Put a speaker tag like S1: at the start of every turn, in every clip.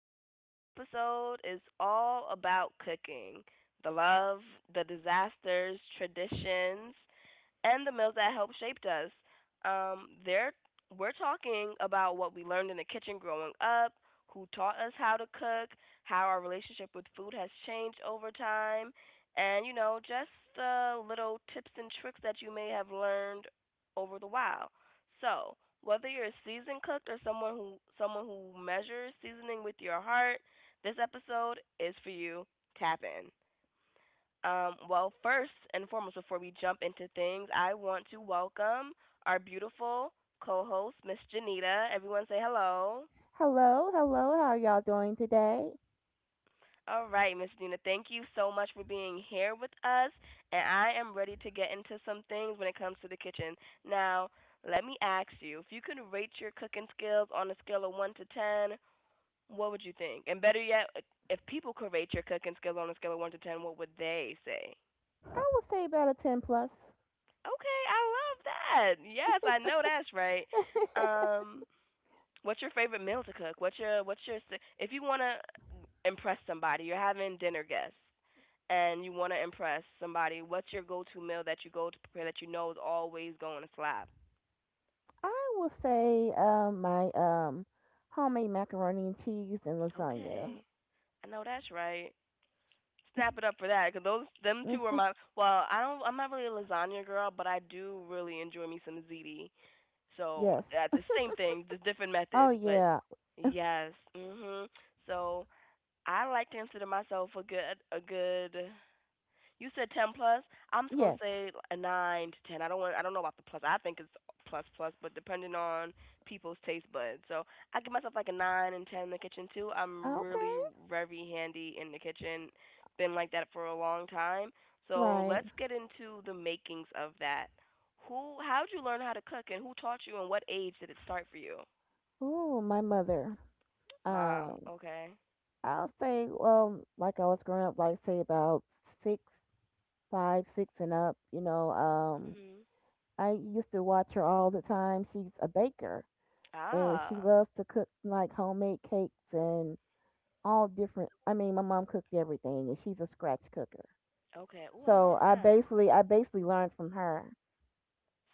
S1: Today's episode is all about cooking the love, the disasters, traditions, and the meals that helped shaped us. Um, there, we're talking about what we learned in the kitchen growing up, who taught us how to cook, how our relationship with food has changed over time, and just the little tips and tricks that you may have learned over the while. So, whether you're a seasoned cook or someone who measures seasoning with your heart, this episode is for you. Tap in. First and foremost, before we jump into things, I want to welcome our beautiful co host, Miss Janita. Everyone say hello.
S2: Hello, hello. How are y'all doing today?
S1: All right, Miss Janita, thank you so much for being here with us. And I am ready to get into some things when it comes to the kitchen. Now, let me ask you, if you could rate your cooking skills on a scale of 1 to 10, what would you think? And better yet, if people could rate your cooking skills on a scale of 1 to 10, what would they say?
S2: I will say about a 10+.
S1: Okay, I love that. Yes, I know that's right. Um, what's your favorite meal to cook? If you want to impress somebody, you're having dinner guests and you want to impress somebody, what's your go-to meal that you go to prepare that you know is always going to slap?
S2: I will say my homemade macaroni and cheese and lasagna.
S1: Okay. I know that's right. Snap it up for that cuz those them two are
S2: Eh,
S1: my well, I don't I'm not really a lasagna girl, but I do really enjoy me some ziti. So
S2: Yes.
S1: that's the same thing, just different
S2: Oh
S1: methods. But
S2: yeah.
S1: yes, mhm. So I like to consider myself a good. You said ten plus. I'm just gonna
S2: Yes.
S1: say a nine to ten. I don't want. I don't know about the plus. I think it's plus plus, but depending on people's taste buds. So I give myself like a nine and ten in the kitchen too. I'm
S2: Okay.
S1: really very handy in the kitchen. Been like that for a long time. So
S2: Right.
S1: let's get into the makings of that. Who? How'd you learn how to cook, and who taught you, and what age did it start for you?
S2: Ooh, my mother.
S1: Mom.
S2: Um,
S1: Okay.
S2: I'll say like I was growing up, like say about six, five, six and up. You know, um,
S1: Mhm.
S2: I used to watch her all the time. She's a baker, and she
S1: Ah.
S2: loves to cook like homemade cakes and all different. I mean, my mom cooked everything, and she's a scratch cooker.
S1: Okay. Ooh, I
S2: So
S1: love
S2: I
S1: that.
S2: basically, I basically learned from her.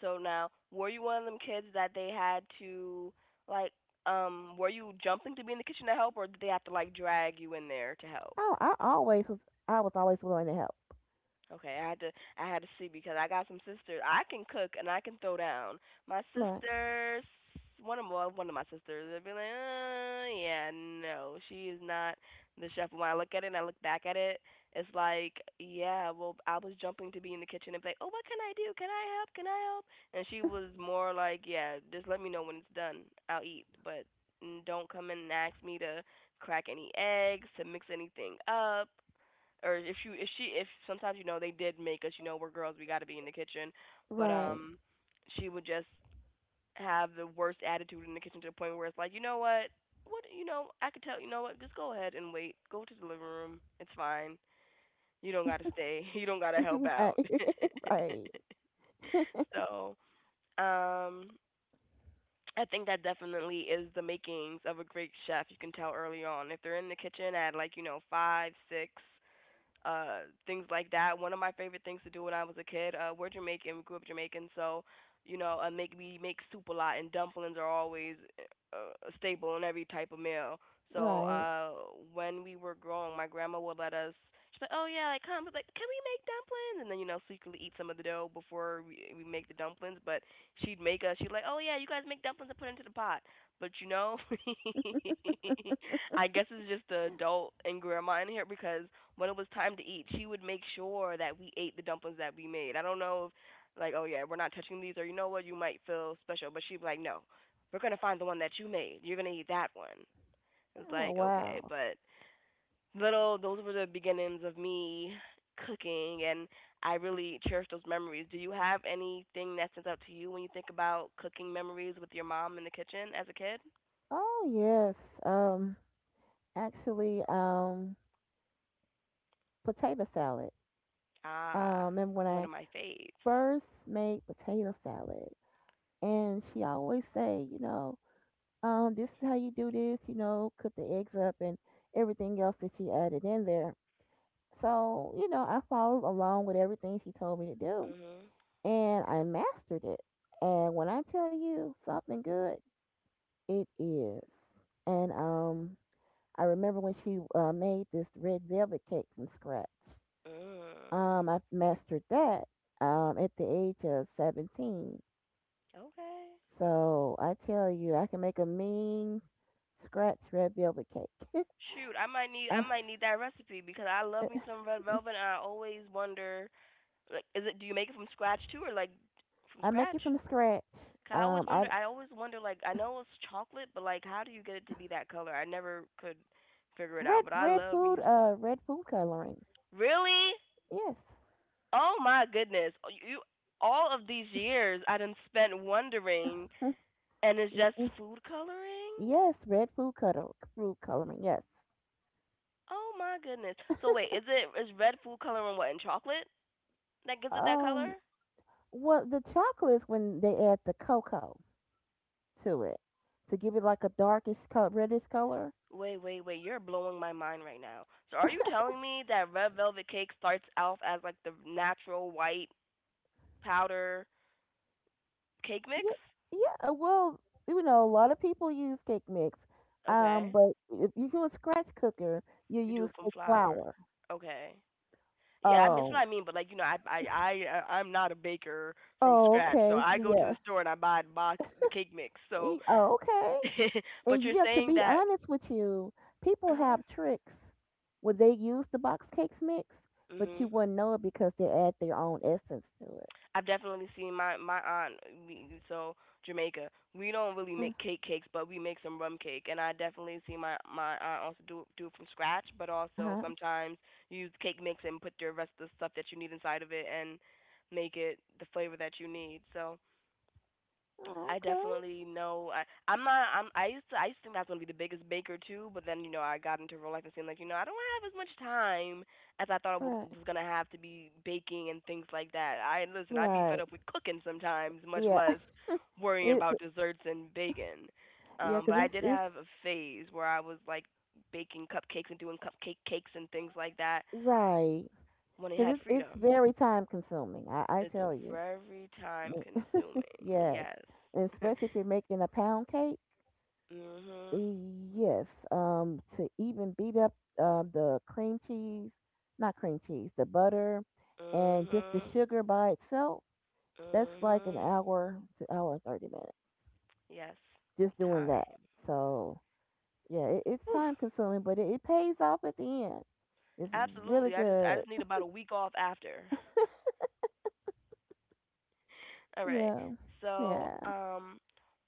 S1: So now, were you one of them kids that they had to like were you jumping to be in the kitchen to help or did they have to like drag you in there to help?
S2: Oh, I was always willing to help.
S1: Okay, I had to see because I got some sisters. I can cook and I can throw down. My
S2: Right,
S1: sisters, one of well, one of my sisters, they'd be like, yeah, no, she is not the chef. When I look at it and I look back at it, it's like, yeah, well, I was jumping to be in the kitchen and be like, oh, what can I do? Can I help? Can I help? And she was more like, yeah, just let me know when it's done. I'll eat, but mm, don't come in and ask me to crack any eggs, to mix anything up or if you if she if sometimes you know they did make us you know we're girls we got to be in the kitchen, but
S2: right,
S1: she would just have the worst attitude in the kitchen to the point where it's like you know what you know I could tell you know what just go ahead and wait go to the living room it's fine you don't gotta stay you don't gotta help
S2: right,
S1: out
S2: right,
S1: so um I think that definitely is the makings of a great chef. You can tell early on if they're in the kitchen at like you know five, six, things like that. One of my favorite things to do when I was a kid, we're Jamaican, we grew up Jamaican, so you know, make we make soup a lot and dumplings are always a staple in every type of meal. So,
S2: right.
S1: when we were growing, my grandma would let us. She's like, "Oh yeah, like come." But like, "Can we make dumplings?" And then you know, secretly eat some of the dough before we make the dumplings, but she'd make us. She'd like, "Oh yeah, you guys make dumplings and put it into the pot." But you know, I guess it's just the adult and grandma in here because when it was time to eat, she would make sure that we ate the dumplings that we made. I don't know if like, oh yeah, we're not touching these or you know what, you might feel special, but she'd be like, no, we're gonna find the one that you made. You're gonna eat that one. It's
S2: Oh
S1: like okay,
S2: wow.
S1: but little those were the beginnings of me cooking and I really cherish those memories. Do you have anything that stands out to you when you think about cooking memories with your mom in the kitchen as a kid?
S2: Oh yes. Um, actually, potato salad.
S1: Ah,
S2: And when
S1: one
S2: I
S1: of my faves.
S2: first made potato salad, and she always say, you know, this is how you do this. You know, cook the eggs up and everything else that she added in there. So, you know, I followed along with everything she told me to do,
S1: Mhm.
S2: and I mastered it. And when I tell you something good, it is. And I remember when she made this red velvet cake from scratch.
S1: Mm.
S2: I mastered that at the age of 17.
S1: Okay.
S2: So I tell you, I can make a mean scratch red velvet cake.
S1: Shoot, I might need I
S2: Uh,
S1: might need that recipe because I love me some red velvet and I always wonder like is it do you make it from scratch too or like from
S2: I make
S1: scratch?
S2: it from scratch.
S1: 'Cause I always
S2: I
S1: wonder I always wonder like I know it's chocolate but like how do you get it to be that color? I never could figure it out, but I love me some.
S2: red food coloring.
S1: Really?
S2: Yes,
S1: Oh my goodness. Oh, You all of these years I done spent wondering and it's
S2: Y-
S1: just
S2: y-
S1: food coloring?
S2: yes, red food coloring. Yes.
S1: Oh my goodness. So wait, is red food coloring what in chocolate that gives it that color?
S2: Um, well, the chocolates, when they add the cocoa to it, to give it like a darkish color, reddish color.
S1: Wait, wait, wait. You're blowing my mind right now. So are you telling me that red velvet cake starts out as like the natural white powder cake
S2: Yeah,
S1: mix?
S2: yeah. Well, you know, a lot of people use cake mix. Um,
S1: Okay.
S2: but if you do a scratch cooker, you
S1: You do
S2: use
S1: it from
S2: cake
S1: flour.
S2: flour.
S1: Okay. Yeah, I mean, that's what
S2: Oh,
S1: I mean. But like, you know, I'm not a baker from
S2: oh,
S1: scratch, so
S2: okay.
S1: I go to
S2: Yeah.
S1: the store and I buy the cake mix. So,
S2: Oh, okay.
S1: but
S2: And
S1: you're
S2: yeah, to
S1: saying
S2: be
S1: that,
S2: honest with you, people
S1: uh
S2: have tricks where they use the box cakes mix, but you
S1: huh,
S2: wouldn't know it because they add their own essence to it.
S1: I've definitely seen my aunt, we, so Jamaica. We don't really make cake cakes, but we make some rum cake, and I definitely see my aunt also do it from scratch, but
S2: Uh
S1: also
S2: huh.
S1: sometimes use cake mix and put the rest of the stuff that you need inside of it and make it the flavor that you need. So I
S2: Okay.
S1: definitely know. I, I'm not. I'm. I used to. I used to think I was gonna be the biggest baker too. But then you know, I got into real life and seemed like you know, I don't have as much time as I thought I
S2: Right.
S1: was gonna have to be baking and things like that. I listen. I'd be fed
S2: Right.
S1: up with cooking sometimes, much
S2: Yeah.
S1: less worrying
S2: It.
S1: about desserts and baking.
S2: Yeah. Cause
S1: But I
S2: it's
S1: did
S2: it's
S1: have a phase where I was like baking cupcakes and doing cupcake cakes and things like that
S2: right.
S1: when I
S2: Cause
S1: had
S2: it's
S1: freedom.
S2: very time consuming. I
S1: It's
S2: tell you.
S1: very time consuming.
S2: Yes.
S1: Yes.
S2: And especially if you're making a pound cake.
S1: mhm.
S2: Yes, to even beat up the cream cheese, not cream cheese, the butter, and just the
S1: Mhm.
S2: sugar by itself, that's like an
S1: Mhm.
S2: hour to hour and 30 minutes
S1: Yes.
S2: just doing that.
S1: Time.
S2: So, yeah, it's
S1: Whew.
S2: time consuming, but it pays off at the end. It's really
S1: Absolutely. I just I
S2: good.
S1: just need about a week off after. All right.
S2: Yeah,
S1: So,
S2: yeah.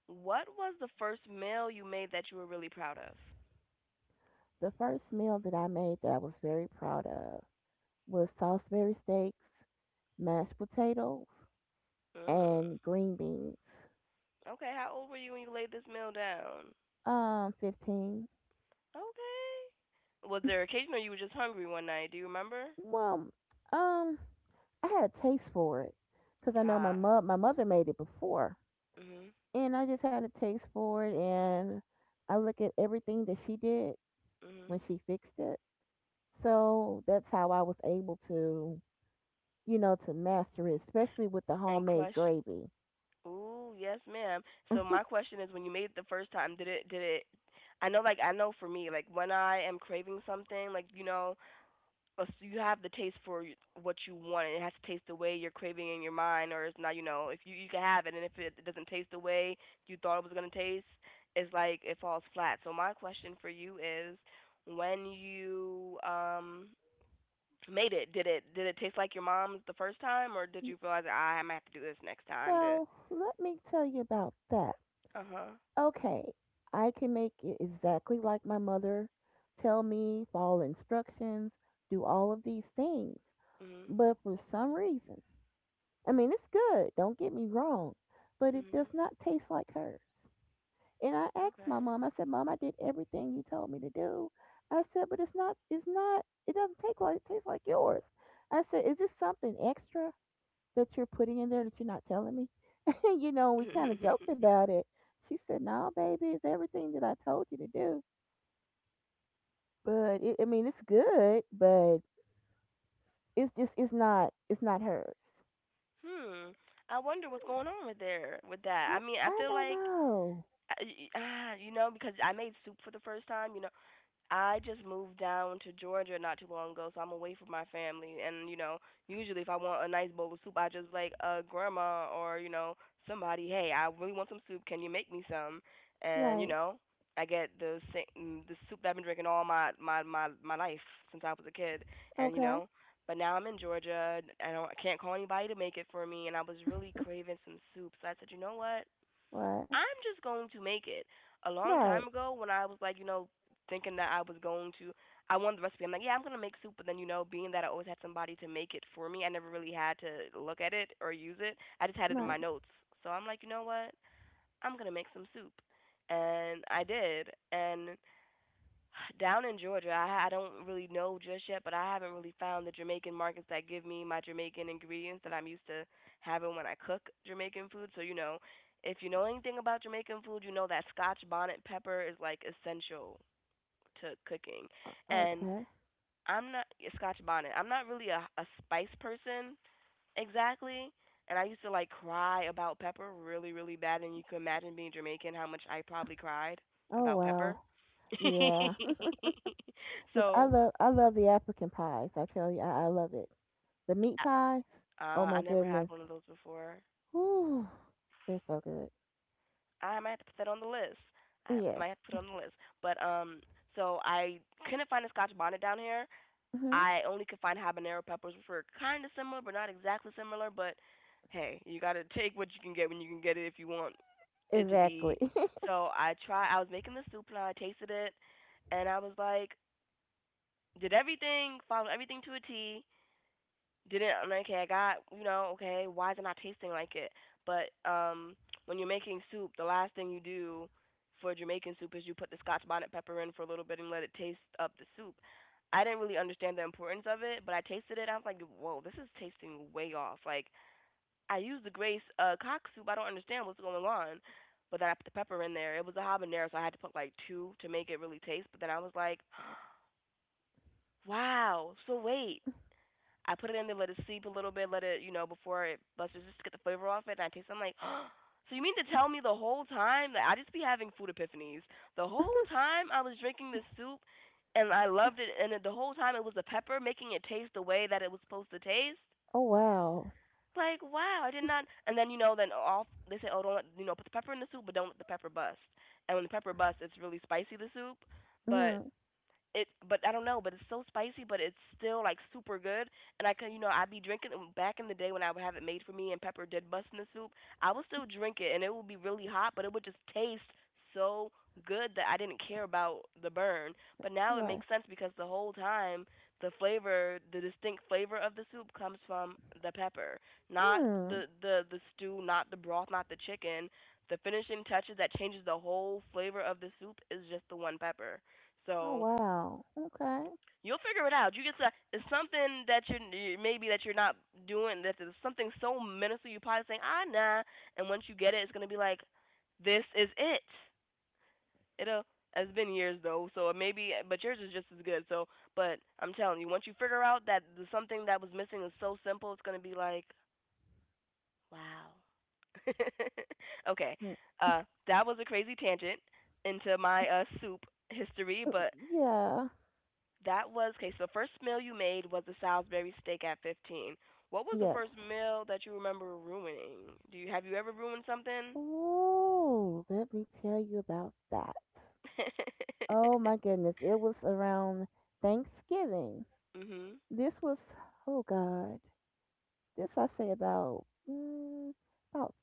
S1: what was the first meal you made that you were really proud of?
S2: The first meal that I made that I was very proud of was Salisbury steaks, mashed potatoes,
S1: Mm.
S2: and green beans.
S1: Okay, how old were you when you laid this meal down?
S2: 15.
S1: Okay. Was there occasion or you were just hungry one night? Do you remember?
S2: Well, um, I had a taste for it because I know my
S1: Ah.
S2: my mother made it before,
S1: Mhm.
S2: and I just had a taste for it, and I look at everything that she did
S1: Mhm.
S2: when she fixed it. So that's how I was able to, you know, to master it, especially with the
S1: And
S2: homemade
S1: question.
S2: gravy.
S1: Ooh, yes, ma'am. So my question is, when you made it the first time, did it? I know, like I know for me, like when I am craving something, like you know, if you have the taste for what you want, and it has to taste the way you're craving in your mind, or it's not, you know, if you you can have it, and if it doesn't taste the way you thought it was gonna taste, it's like it falls flat. So my question for you is, when you made it, did it taste like your mom's the first time, or did
S2: Y-
S1: you realize, "Ah, I might have to do this next time to?
S2: Now, let me tell you about that.
S1: Uh
S2: Okay, I can make it exactly like my mother. Tell me, follow instructions, do all of these things.
S1: huh.
S2: But for some reason, I mean, it's good, don't get me wrong, but it does
S1: Mhm.
S2: not taste like hers. And I asked my
S1: Okay.
S2: mom, I said, "Mom, I did everything you told me to do." I said, but it's not, it doesn't take like, it tastes like yours. I said, is this something extra that you're putting in there that you're not telling me? You know, we kind of joked about it. She said, "No, baby, it's everything that I told you to do." But it, I mean, it's good, but it's just, it's not hers.
S1: hmm. I wonder what's going on with there with that. I
S2: I,
S1: mean, I
S2: I
S1: feel
S2: don't
S1: like,
S2: know.
S1: ah, you know, because I made soup for the first time. You know, I just moved down to Georgia not too long ago, so I'm away from my family. And you know, usually if I want a nice bowl of soup, I just like grandma or you know somebody. Hey, I really want some soup. Can you make me some? And you
S2: Right.
S1: know, I get the same the soup that I've been drinking all my life since I was a kid. And you
S2: Okay.
S1: know, but now I'm in Georgia. I can't call anybody to make it for me, and I was really craving some soup. So I said, you know what?
S2: Right.
S1: I'm just going to make it. A long
S2: Right.
S1: time ago, when I was like, you know, thinking that I was going to, I wanted the recipe. I'm like, yeah, I'm gonna make soup. But then, you know, being that I always had somebody to make it for me, I never really had to look at it or use it. I just had it in
S2: Right.
S1: my notes. So I'm like, you know what? I'm gonna make some soup, and I did. And down in Georgia, I don't really know just yet, but I haven't really found the Jamaican markets that give me my Jamaican ingredients that I'm used to having when I cook Jamaican food. So, you know, if you know anything about Jamaican food, you know that Scotch bonnet pepper is like essential to cooking. And
S2: Okay.
S1: I'm not yeah, Scotch bonnet. I'm not really a spice person. Exactly. And I used to like cry about pepper really, really bad. And you can imagine being Jamaican how much I probably cried
S2: Oh
S1: about pepper.
S2: wow. Yeah. Cause I
S1: so
S2: love I love the African pies. I tell you, I love it. The meat pies. Oh
S1: I
S2: my
S1: never had
S2: goodness.
S1: one of those before.
S2: Whew. They're so good.
S1: I might have to put that on the list. I
S2: Yes.
S1: might have to put it on the list. But so I couldn't find a Scotch bonnet down here.
S2: Mhm.
S1: I only could find habanero peppers, which were kind of similar, but not exactly similar. But hey, you gotta take what you can get when you can get it if you want it to
S2: Exactly.
S1: be. So I tried. I was making the soup and I tasted it, and I was like, did everything, followed everything to a T. didn't I'm like, okay, I got you know, okay, why is it not tasting like it? But when you're making soup, the last thing you do for Jamaican soup is you put the Scotch bonnet pepper in for a little bit and let it taste up the soup. I didn't really understand the importance of it, but I tasted it. And I was like, whoa, this is tasting way off. Like I used the Grace cock soup. I don't understand what's going on. But then I put the pepper in there. It was a habanero, so I had to put like two to make it really taste. But then I was like, wow. So wait, I put it in there, let it sleep a little bit, let it, you know, before it busts, just to get the flavor off it. And I taste it. I'm like, so you mean to tell me the whole time that I just be having food epiphanies? The whole time I was drinking this soup and I loved it, and the whole time it was the pepper making it taste the way that it was supposed to taste?
S2: Oh wow.
S1: Like, wow, I did not. And then, you know, then off, they say, oh, don't, let, you know, put the pepper in the soup, but don't let the pepper bust. And when the pepper busts, it's really spicy, the soup. But
S2: Mhm.
S1: it but I don't know, but it's so spicy, but it's still like super good. And I can, you know, I'd be drinking it back in the day when I would have it made for me and Pepper did bust in the soup. I would still drink it and it would be really hot, but it would just taste so good that I didn't care about the burn. But now it
S2: Right.
S1: makes sense because the whole time the flavor, the distinct flavor of the soup comes from the pepper, not
S2: Mm.
S1: the stew, not the broth, not the chicken. The finishing touches that changes the whole flavor of the soup is just the one pepper.
S2: Oh
S1: So
S2: wow. Okay.
S1: you'll figure it out. You get to it's something that you maybe that you're not doing. That there's something so menacing. You're probably saying ah nah, and once you get it, it's gonna be like this is it. It'll it's been years though, so it maybe but yours is just as good. So, but I'm telling you, once you figure out that the something that was missing is so simple, it's gonna be like wow. okay,
S2: Mm.
S1: uh, that was a crazy tangent into my soup history,
S2: Mm,
S1: but
S2: yeah.
S1: that was okay. So the first meal you made was a Salisbury steak at 15. What was the
S2: Yes.
S1: first meal that you remember ruining? Do you have you ever ruined something?
S2: Oh, let me tell you about that. Oh my goodness, it was around Thanksgiving.
S1: mhm.
S2: This was, oh God, this I say about about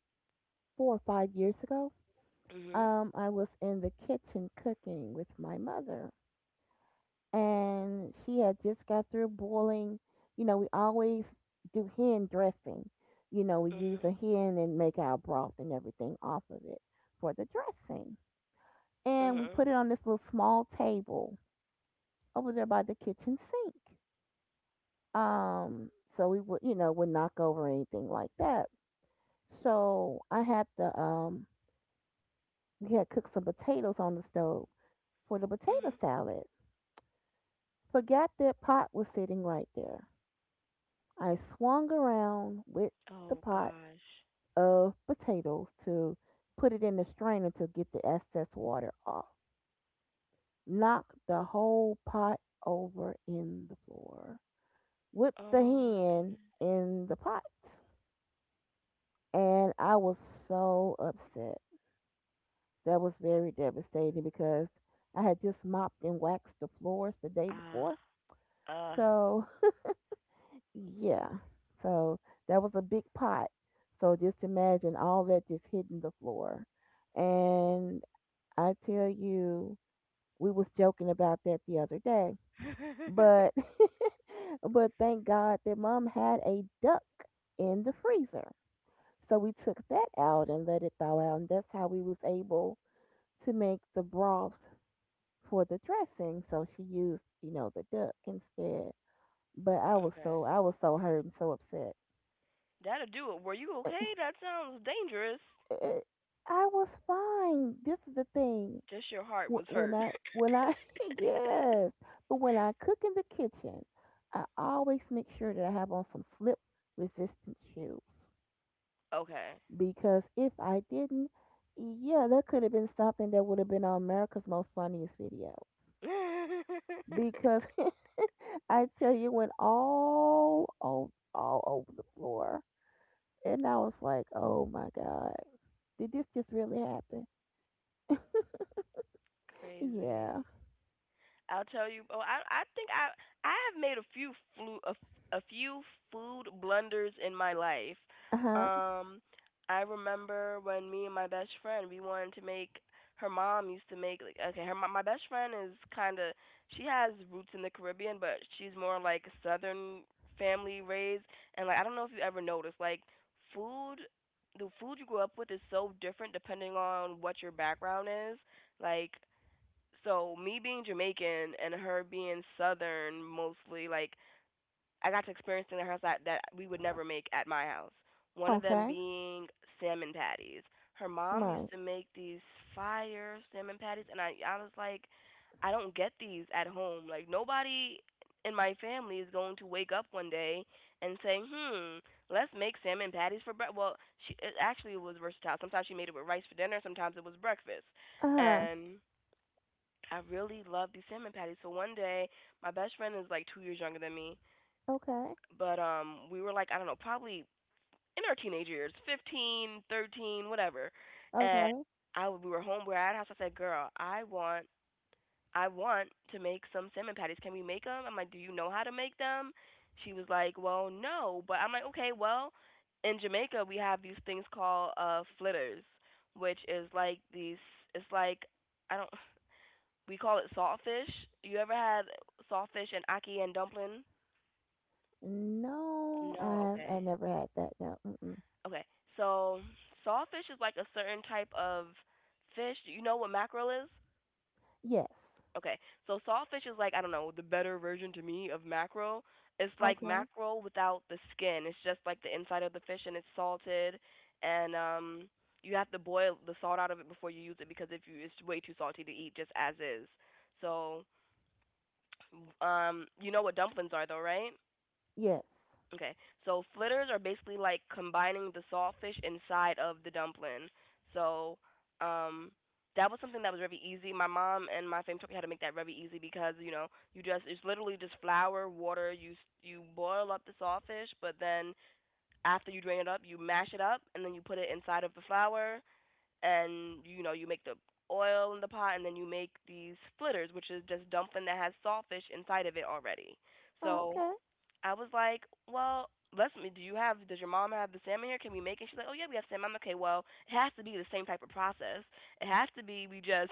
S2: 4 or 5 years ago.
S1: Mhm.
S2: I was in the kitchen cooking with my mother, and she had just got through boiling. You know, we always do hen dressing. You know, we use
S1: Mhm.
S2: a hen and make our broth and everything off of it for the dressing, and we
S1: Mhm.
S2: put it on this little small table over there by the kitchen sink. Um, so we would, you know, would knock over anything like that. So I had the we had cooked some potatoes on the stove for the potato
S1: Mhm.
S2: salad. Forgot that pot was sitting right there. I swung around with the
S1: Oh
S2: pot
S1: gosh.
S2: of potatoes to put it in the strainer to get the excess water off. Knocked the whole pot over in the floor with the
S1: Oh my
S2: hand
S1: goodness.
S2: in the pot. And I was so upset. That was very devastating because I had just mopped and waxed the floors the day
S1: Ah.
S2: before.
S1: Uh.
S2: So, yeah. So that was a big pot. So just imagine all that just hitting the floor. And I tell you, we was joking about that the other day. But but thank God that mom had a duck in the freezer. So we took that out and let it thaw out, and that's how we was able to make the broth for the dressing, so she used, you know, the duck instead. But I was so
S1: okay.
S2: I was so hurt and so upset.
S1: That'll do it. Were you okay? That sounds dangerous.
S2: I was fine. This is the thing.
S1: Just your heart was
S2: When
S1: hurt.
S2: I when I yes, but when I cook in the kitchen, I always make sure that I have on some slip resistant shoes,
S1: okay.
S2: because if I didn't, yeah, that could have been something that would have been on America's Most Funniest Video, because I tell you, went all over the floor, and I was like, "Oh my god, did this just really happen?" Yeah.
S1: Crazy. I'll tell you. Oh, I think I have made a few flu a, f- a few food blunders in my life.
S2: Uh huh.
S1: Um, I remember when me and my best friend we wanted to make. Her mom used to make like okay. My best friend is kind of she has roots in the Caribbean, but she's more like Southern family raised. And like I don't know if you ever noticed like food, the food you grow up with is so different depending on what your background is. Like so me being Jamaican and her being Southern mostly, like I got to experience things at her house that we would never make at my house. One of them
S2: Okay.
S1: being salmon patties. Her mom used
S2: Right.
S1: to make these fire salmon patties, and I was like, I don't get these at home. Like nobody in my family is going to wake up one day and say, "Hmm, let's make salmon patties for breakfast." Well, she it actually was versatile. Sometimes she made it with rice for dinner. Sometimes it was breakfast,
S2: Uh huh.
S1: and I really love these salmon patties. So one day, my best friend is like 2 years younger than me,
S2: Okay.
S1: but we were like I don't know, probably in our teenage years, 15, 13, whatever. And
S2: Okay.
S1: I we were home, we were at our house. I said, "Girl, I want to make some salmon patties. Can we make them?" I'm like, "Do you know how to make them?" She was like, "Well, no," but I'm like, "Okay, well, in Jamaica we have these things called flitters, which is like these, it's like I don't we call it saltfish. You ever had saltfish and aki and dumpling?
S2: No,
S1: No,
S2: I
S1: okay.
S2: never had that. No. Mm-mm.
S1: Okay. So saltfish is like a certain type of fish. Do you know what mackerel is?
S2: Yes.
S1: Okay. So saltfish is like, I don't know, the better version to me of mackerel. It's like
S2: Okay.
S1: mackerel without the skin. It's just like the inside of the fish and it's salted and you have to boil the salt out of it before you use it because if you it's way too salty to eat just as is. So you know what dumplings are though, right?
S2: Yes.
S1: Okay, so flitters are basically like combining the saltfish inside of the dumpling. So, um, that was something that was very easy. My mom and my family taught me how to make that very easy because you know you just it's literally just flour, water. You boil up the saltfish, but then after you drain it up, you mash it up and then you put it inside of the flour and you know you make the oil in the pot and then you make these flitters, which is just dumpling that has saltfish inside of it already. So
S2: Okay.
S1: I was like, well, let's. Do you have? Does your mom have the salmon here? Can we make it? She's like, oh yeah, we have salmon. I'm like, okay. Well, it has to be the same type of process. It has to be. We just.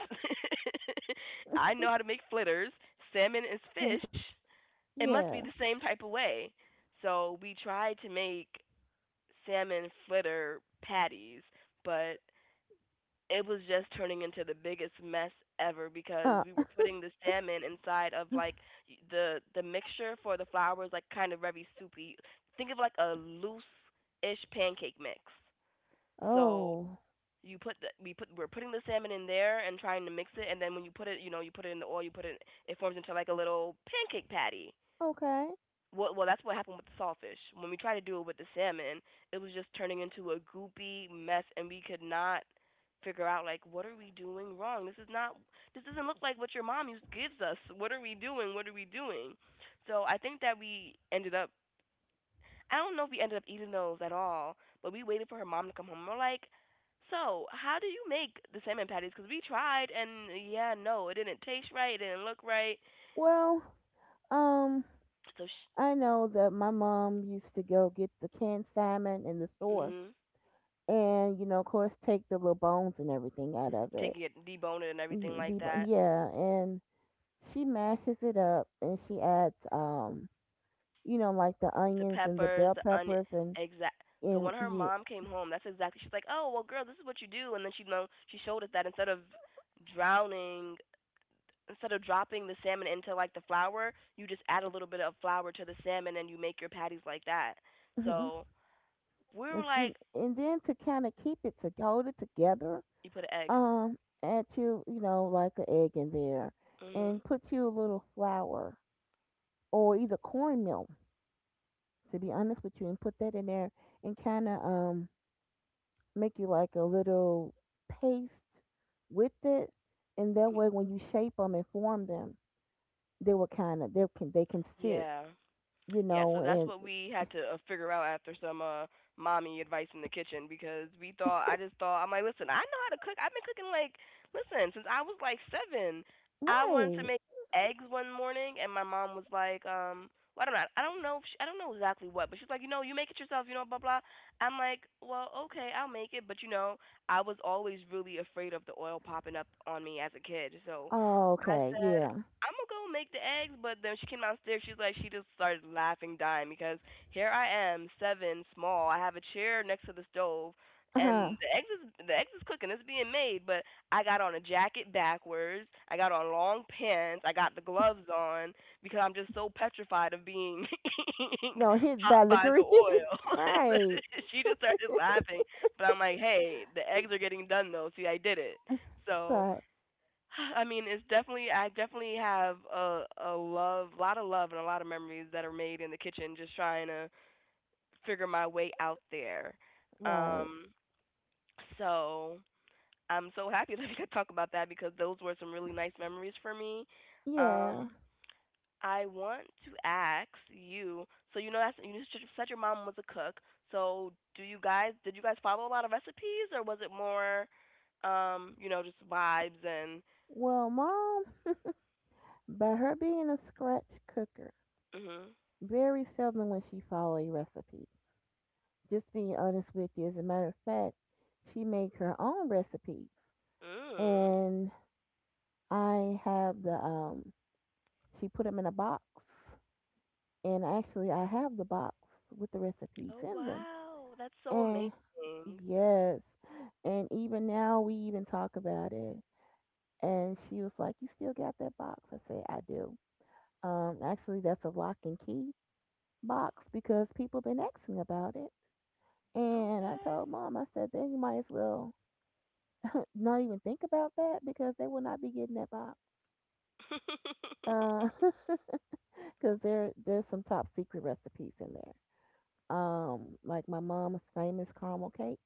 S1: I know how to make flitters. Salmon is
S2: Uh,
S1: fish. It must be
S2: yeah.
S1: the same type of way. So we tried to make salmon flitter patties, but it was just turning into the biggest mess ever because
S2: Uh.
S1: we were putting the salmon inside of like the mixture for the flour was like kind of very soupy. Think of like a loose ish pancake mix. So
S2: Oh.
S1: you put the, we're putting the salmon in there and trying to mix it and then when you put it you know you put it in the oil you put it it forms into like a little pancake patty
S2: Okay.
S1: well, well, that's what happened with the sawfish. When we tried to do it with the salmon, it was just turning into a goopy mess, and we could not figure out like what are we doing wrong? This is not. This doesn't look like what your mom used, gives us. What are we doing? What are we doing? So I think that we ended up. I don't know if we ended up eating those at all, but we waited for her mom to come home. We're like, so how do you make the salmon patties? Because we tried, and yeah, no, it didn't taste right. It didn't look right.
S2: Well. Um.
S1: So, sh-
S2: I know that my mom used to go get the canned salmon in the store,
S1: mhm.
S2: and you know, of course, take the little bones and everything out of it.
S1: Taking it, deboning it and everything
S2: Y-
S1: like
S2: the
S1: that.
S2: Yeah, and she mashes it up, and she adds, you know, like the
S1: The
S2: onions and the
S1: peppers,
S2: bell
S1: the onion,
S2: peppers and
S1: exact. So when her
S2: yeah,
S1: mom came home, that's exactly. She's like, "Oh, well, girl, this is what you do." And then she you know she showed us that instead of drowning, instead of dropping the salmon into like the flour, you just add a little bit of flour to the salmon and you make your patties like that.
S2: mhm.
S1: So we were
S2: It's- you-
S1: like,
S2: and then to kind of keep it, to hold it together,
S1: "You put an egg."
S2: add you, you know, like an egg in there,
S1: Mhm.
S2: and put you a little flour or either cornmeal. To be honest with you, and put that in there and kind of make you like a little paste with it, and that way when you shape them and form them, they will kind of they can sit,
S1: Yeah.
S2: you
S1: Yeah,
S2: know,
S1: so that's
S2: and
S1: what we had to figure out after some mommy advice in the kitchen because we thought I just thought. I'm like, listen, I know how to cook. I've been cooking like, listen, since I was like 7. I wanted to
S2: right.
S1: make eggs one morning, and my mom was like, well, I don't know, if she, I don't know exactly what, but she's like, you know, you make it yourself, blah blah. I'm like, well, okay, I'll make it, but I was always really afraid of the oil popping up on me as a kid, so
S2: Oh,
S1: I
S2: okay,
S1: said,
S2: yeah.
S1: I'm gonna go make the eggs. But then she came downstairs. She's like, she just started laughing, dying because here I am, 7, small. I have a chair next to the stove,
S2: Uh
S1: and
S2: huh.
S1: the eggs is cooking. It's being made, but I got on a jacket backwards. I got on long pants. I got the gloves on because I'm just so petrified of being
S2: No, hit
S1: hot
S2: by the
S1: by the
S2: grease.
S1: oil.
S2: right,
S1: She just started laughing, but I'm like, hey, the eggs are getting done though. See, I did it. So
S2: right,
S1: I mean, it's definitely I definitely have a love, a lot of love, and a lot of memories that are made in the kitchen, just trying to figure my way out there.
S2: right.
S1: Um, so I'm so happy that we could talk about that because those were some really nice memories for me.
S2: Yeah.
S1: Um, I want to ask you, so you know that's you just said your mom was a cook. So do you guys did you guys follow a lot of recipes, or was it more, you know, just vibes and?
S2: Well, mom, by her being a scratch cooker,
S1: Mm-hmm.
S2: very seldom when she follow a recipe. Just being honest with you, as a matter of fact, she make her own recipes
S1: Hmm, mm.
S2: and I have the. She put them in a box, and actually, I have the box with the recipes
S1: Oh
S2: in them.
S1: wow, that's so
S2: And
S1: amazing.
S2: yes, and even now we even talk about it. And she was like, "You still got that box?" I said, "I do." Actually, that's a lock and key box, because people been asking about it. And I
S1: Okay.
S2: told mom, I said, "Then you might as well not even think about that because they will not be getting that box." Uh, because there's some top secret recipes in there. Like my mom's famous caramel cake,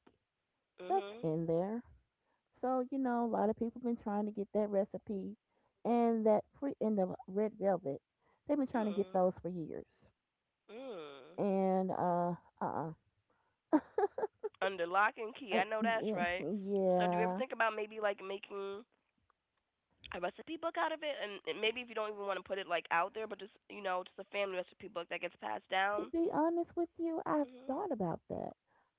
S2: that's
S1: Mhm.
S2: in there. So you know, a lot of people been trying to get that recipe, and that pre and the red velvet, they've been trying to get
S1: Mm.
S2: those for years.
S1: Mm.
S2: And uh,
S1: Under lock and key. I know that's
S2: yeah,
S1: right. So do you ever
S2: yeah.
S1: think about maybe like making a recipe book out of it, and maybe if you don't even want to put it like out there but just you know just a family recipe book that gets passed
S2: To
S1: down?
S2: be honest with you, I've
S1: Mhm.
S2: thought about that.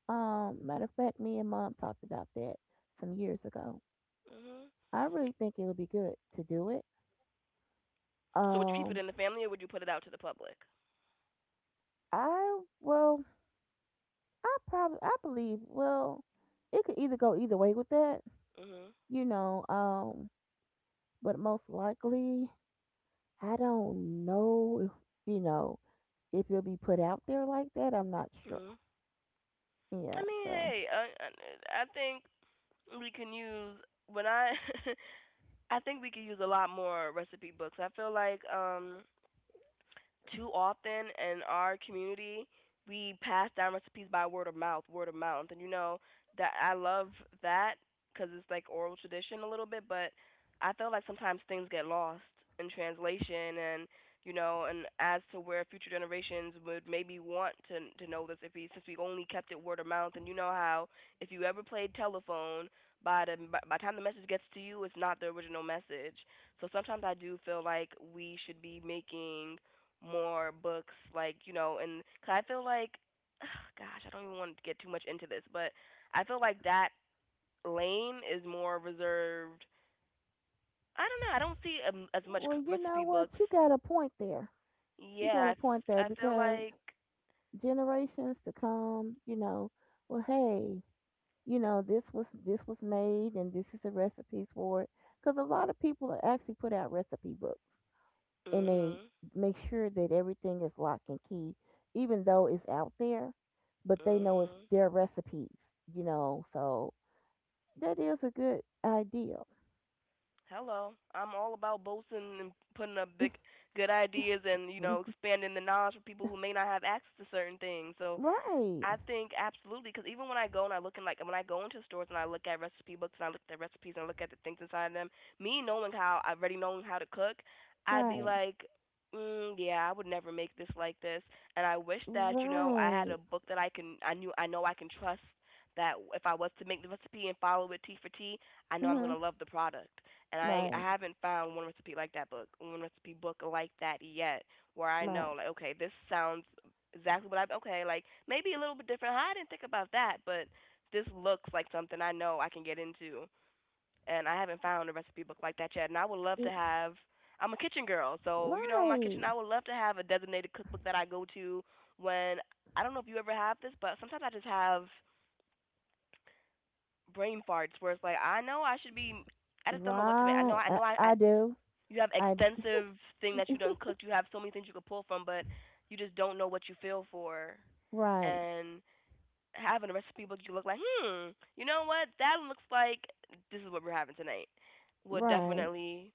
S2: Matter of fact, me and mom talked about that some years ago.
S1: Mhm.
S2: I really think it would be good to do it.
S1: So would you keep it
S2: Um,
S1: in the family or would you put it out to the public?
S2: I well, I probably I believe well, it could either go either way with that,
S1: Mhm.
S2: you know. But most likely, I don't know if you know if it'll be put out there like that. I'm not sure.
S1: Mhm. I
S2: Yeah.
S1: mean,
S2: So,
S1: hey, I think we can use when I I think we could use a lot more recipe books. I feel like too often in our community we pass down recipes by word of mouth, and you know that I love that because it's like oral tradition a little bit, but I feel like sometimes things get lost in translation, and as to where future generations would maybe want to know this if we since we only kept it word of mouth, and you know how if you ever played telephone by the by the time the message gets to you, it's not the original message. So sometimes I do feel like we should be making more books like and cause I feel like gosh I don't even want to get too much into this, but I feel like that lane is more reserved. I don't know, I don't see as much
S2: well, you know
S1: recipe
S2: what?
S1: books.
S2: You got a point there. You
S1: Yeah,
S2: got a point there
S1: I feel
S2: because
S1: like
S2: generations to come, you know, well, hey, you know, this was made and this is the recipes for it. Because a lot of people actually put out recipe books and they
S1: mhm
S2: make sure that everything is lock and key, even though it's out there, but they know it's
S1: mhm.
S2: their recipes, you know. So that is a good idea.
S1: Hello, I'm all about boasting and putting up big good ideas, and you know expanding the knowledge for people who may not have access to certain things. So
S2: right,
S1: I think absolutely because even when I go and I look in, like when I go into stores and I look at recipe books and I look at the recipes and I look at the things inside them, me knowing how I've already known how to cook, I'd be
S2: right,
S1: like, mm, yeah, I would never make this like this. And I wish that you know I had
S2: right,
S1: a book that I can I knew I know I can trust that if I was to make the recipe and follow it T for T, I know I'm
S2: mhm,
S1: gonna love the product. And I
S2: right,
S1: haven't found one recipe like that book, one recipe book like that yet, where I
S2: right,
S1: know like okay this sounds exactly what I okay, like maybe a little bit different. Huh, I didn't think about that, but this looks like something I know I can get into, and I haven't found a recipe book like that yet. And I would love to
S2: it-
S1: have. I'm a kitchen girl, so you know my
S2: right,
S1: kitchen. I would love to have a designated cookbook that I go to when I don't know if you ever have this, but sometimes I just have brain farts where it's like I know I should be. I just don't know what to make. I know
S2: right.
S1: I
S2: I,
S1: know I. I
S2: I do.
S1: you have
S2: I d-
S1: extensive thing that you done cooked. You have so many things you could pull from, but you just don't know what you feel for.
S2: right,
S1: And having a recipe book, you look like, hmm, you know what? That looks like this is what we're having tonight. Would
S2: right.
S1: definitely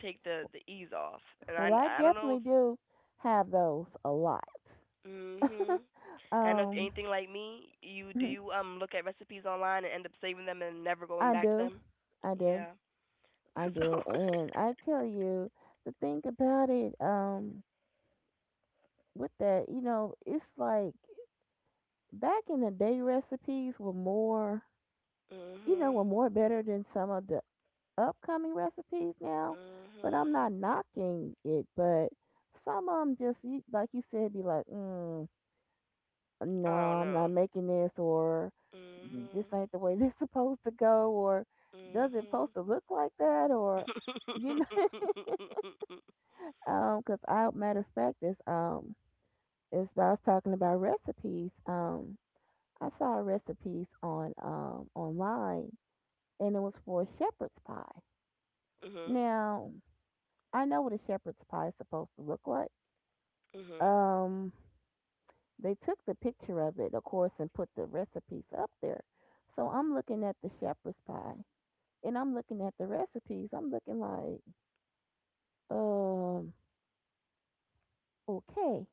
S1: take the ease off. And I
S2: Well, I
S1: I don't know
S2: definitely
S1: if
S2: do have those a lot.
S1: mm mhm. And if
S2: um,
S1: anything like me, you do you look at recipes online and end up saving them and never going
S2: I
S1: back to
S2: do,
S1: them.
S2: I do.
S1: Yeah.
S2: I
S1: So.
S2: do, and I tell you the thing about it. With that, you know, it's like back in the day, recipes were more, you know, were
S1: Mhm.
S2: more better than some of the upcoming recipes now. But I'm
S1: Mhm.
S2: not knocking it, but some of them just, like you said, be like, mm, no,
S1: I don't
S2: I'm not
S1: know.
S2: making this, or "Mm, this
S1: Mhm.
S2: ain't the way this supposed to go, or does it supposed to look like that, or you
S1: Mhm.
S2: know. Cause I matter of fact is I was talking about recipes. I saw recipes on online, and it was for shepherd's pie.
S1: Mhm. Mhm.
S2: Now I know what a shepherd's pie is supposed to look like. Um, they took the picture of it, of course, and put the recipes up there. So I'm looking at the shepherd's pie, and I'm looking at the recipes. I'm looking like, um, okay,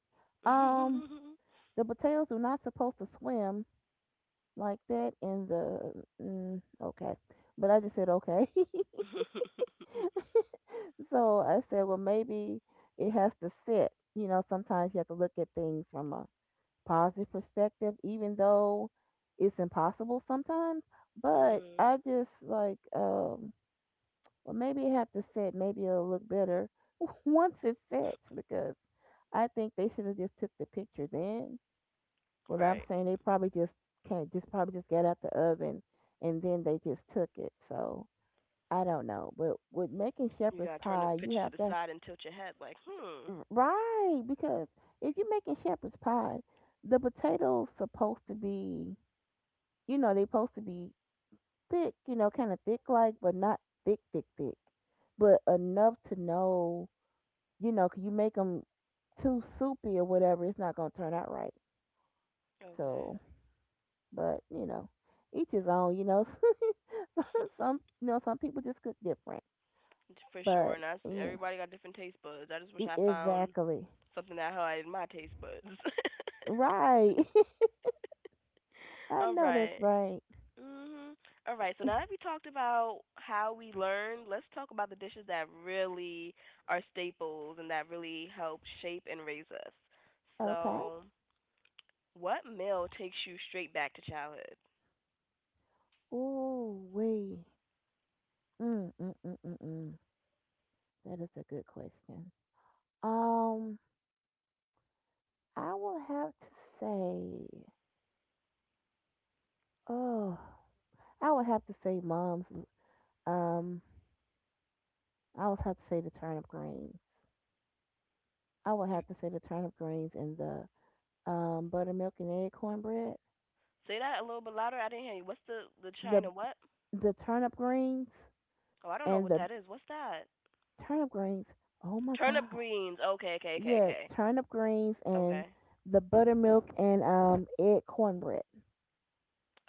S2: um,
S1: Mhm.
S2: the potatoes are not supposed to swim like that in the okay, but I just said okay. so I said well, maybe it has to sit. You know, sometimes you have to look at things from a positive perspective, even though it's impossible sometimes. but
S1: Mhm.
S2: i just like um well, maybe it had to set. Maybe it'll look better once it sets because I think they should have just took the picture then. Well, I'm
S1: Right.
S2: saying they probably just can't just probably just got out the oven and then they just took it. So I don't know, but with making
S1: You gotta
S2: shepherd's
S1: turn the
S2: pie,
S1: picture
S2: you
S1: to the
S2: have to,
S1: side and tilt your head like, hmm.
S2: right? Because if you're making shepherd's pie, the potatoes supposed to be, you know, they supposed to be thick, you know, kind of thick like, but not thick, thick, thick, but enough to know, you know, 'cause you make them too soupy or whatever, it's not gonna turn out right.
S1: Okay.
S2: So, but you know, each his own. You know, some you know some people just cook different,
S1: For sure.
S2: but
S1: And that's
S2: yeah,
S1: everybody got different taste buds. I just wish I found
S2: exactly.
S1: something that highlighted my taste buds.
S2: Right. I
S1: All
S2: know that's
S1: right.
S2: right.
S1: Mhm. All right. So now that we talked about how we learn, let's talk about the dishes that really are staples and that really help shape and raise us.
S2: Okay.
S1: So, what meal takes you straight back to childhood?
S2: Ooh, wee. Mm, mm, mm, mm, mm. That is a good question. Um, I will have to say, oh, I would have to say mom's, um, I would have to say the turnip greens. I would
S1: You.
S2: have to say the turnip greens and the buttermilk and egg cornbread.
S1: Say that a little bit louder. I didn't hear you. What's the
S2: The
S1: China what?
S2: the turnip greens
S1: Oh, I don't know
S2: and
S1: what
S2: the
S1: that is. What's that?
S2: turnip greens. Oh my
S1: Turnip
S2: god.
S1: greens. Okay, okay, okay,
S2: Yeah,
S1: okay,
S2: turnip greens and
S1: okay,
S2: the buttermilk and egg cornbread.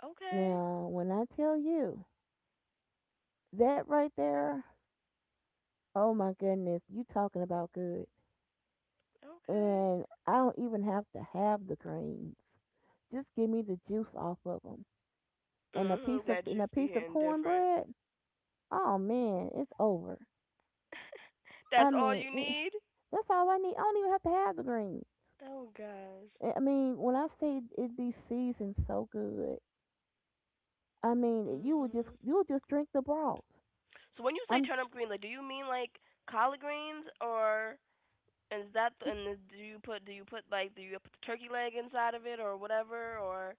S1: okay,
S2: Now, when I tell you that right there, oh my goodness, you talking about good.
S1: okay.
S2: And I don't even have to have the greens. Just give me the juice off of them and a
S1: Mhm.
S2: piece of
S1: That
S2: and a
S1: juice be
S2: piece of
S1: hitting different.
S2: cornbread. Oh man, it's over. I
S1: That's all
S2: mean,
S1: you
S2: eh,
S1: need.
S2: that's all I need. I don't even have to have the greens.
S1: Oh gosh.
S2: I mean, when I say it be seasoned so good, I mean, eh,
S1: Mhm.
S2: you would just drink the broth.
S1: So when you say
S2: I'm
S1: turnip green, like, do you mean like collard greens, or is that and is- do you put like do you put the turkey leg inside of it or whatever or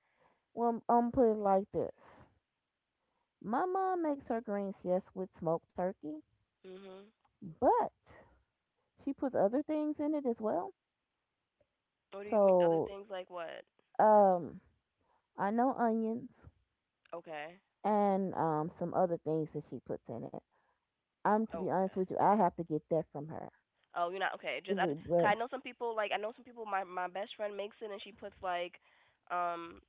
S2: Well, I'm put it like this. My mom makes her greens, yes, with smoked turkey,
S1: mhm?
S2: but she puts other things in it as well.
S1: What do you mean other
S2: So,
S1: things like what?
S2: um, I know onions
S1: Okay.
S2: and some other things that she puts in it. I'm to be honest
S1: Okay.
S2: with you, I have to get that from her.
S1: Oh, you're not okay. Just I, d-
S2: Mm,
S1: cause I
S2: But
S1: know some people like I know some people. My best friend makes it and she puts like, um,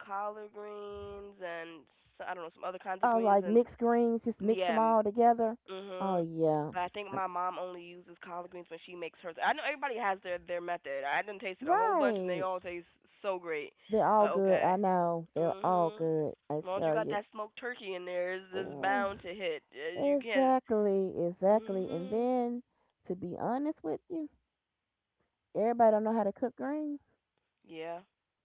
S1: collard greens and s I don't know some other kinds of
S2: oh,
S1: greens
S2: like
S1: and
S2: mixed greens, just mix them
S1: yeah, mm,
S2: all together. Oh
S1: mhm.
S2: yeah,
S1: But I think my mom only uses collard greens when she makes hers. I know everybody has their method. I done tasted a whole bunch and they
S2: right.
S1: all taste so great.
S2: They're all
S1: But
S2: good.
S1: okay,
S2: I know. They're all
S1: mhm.
S2: good. I
S1: As long as you
S2: tell
S1: got
S2: you.
S1: that smoked turkey in there, it's
S2: Ugh,
S1: bound to hit. You can't.
S2: Exactly, exactly. And
S1: Mhm.
S2: then, to be honest with you, everybody don't know how to cook greens.
S1: Yeah.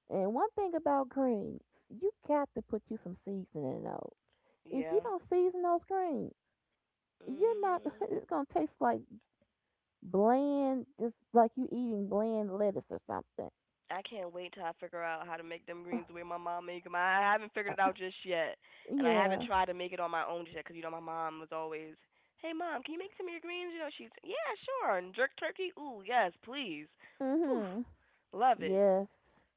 S2: And one thing about greens, you got to put you some seasoning in those. If you
S1: Yeah.
S2: don't season those greens, you're not.
S1: Mhm.
S2: It's gonna taste like bland, just like you eating bland lettuce or something.
S1: I can't wait till I figure out how to make them
S2: Ugh,
S1: greens the way my mom make them. I haven't figured
S2: uh,
S1: it out just yet, and I haven't
S2: yeah.
S1: tried to make it on my own just yet. Cause you know my mom was always, "Hey mom, can you make some of your greens?" You know she's, "Yeah, sure." And jerk turkey, ooh yes, please, whew,
S2: Mhm.
S1: love it.
S2: Yes.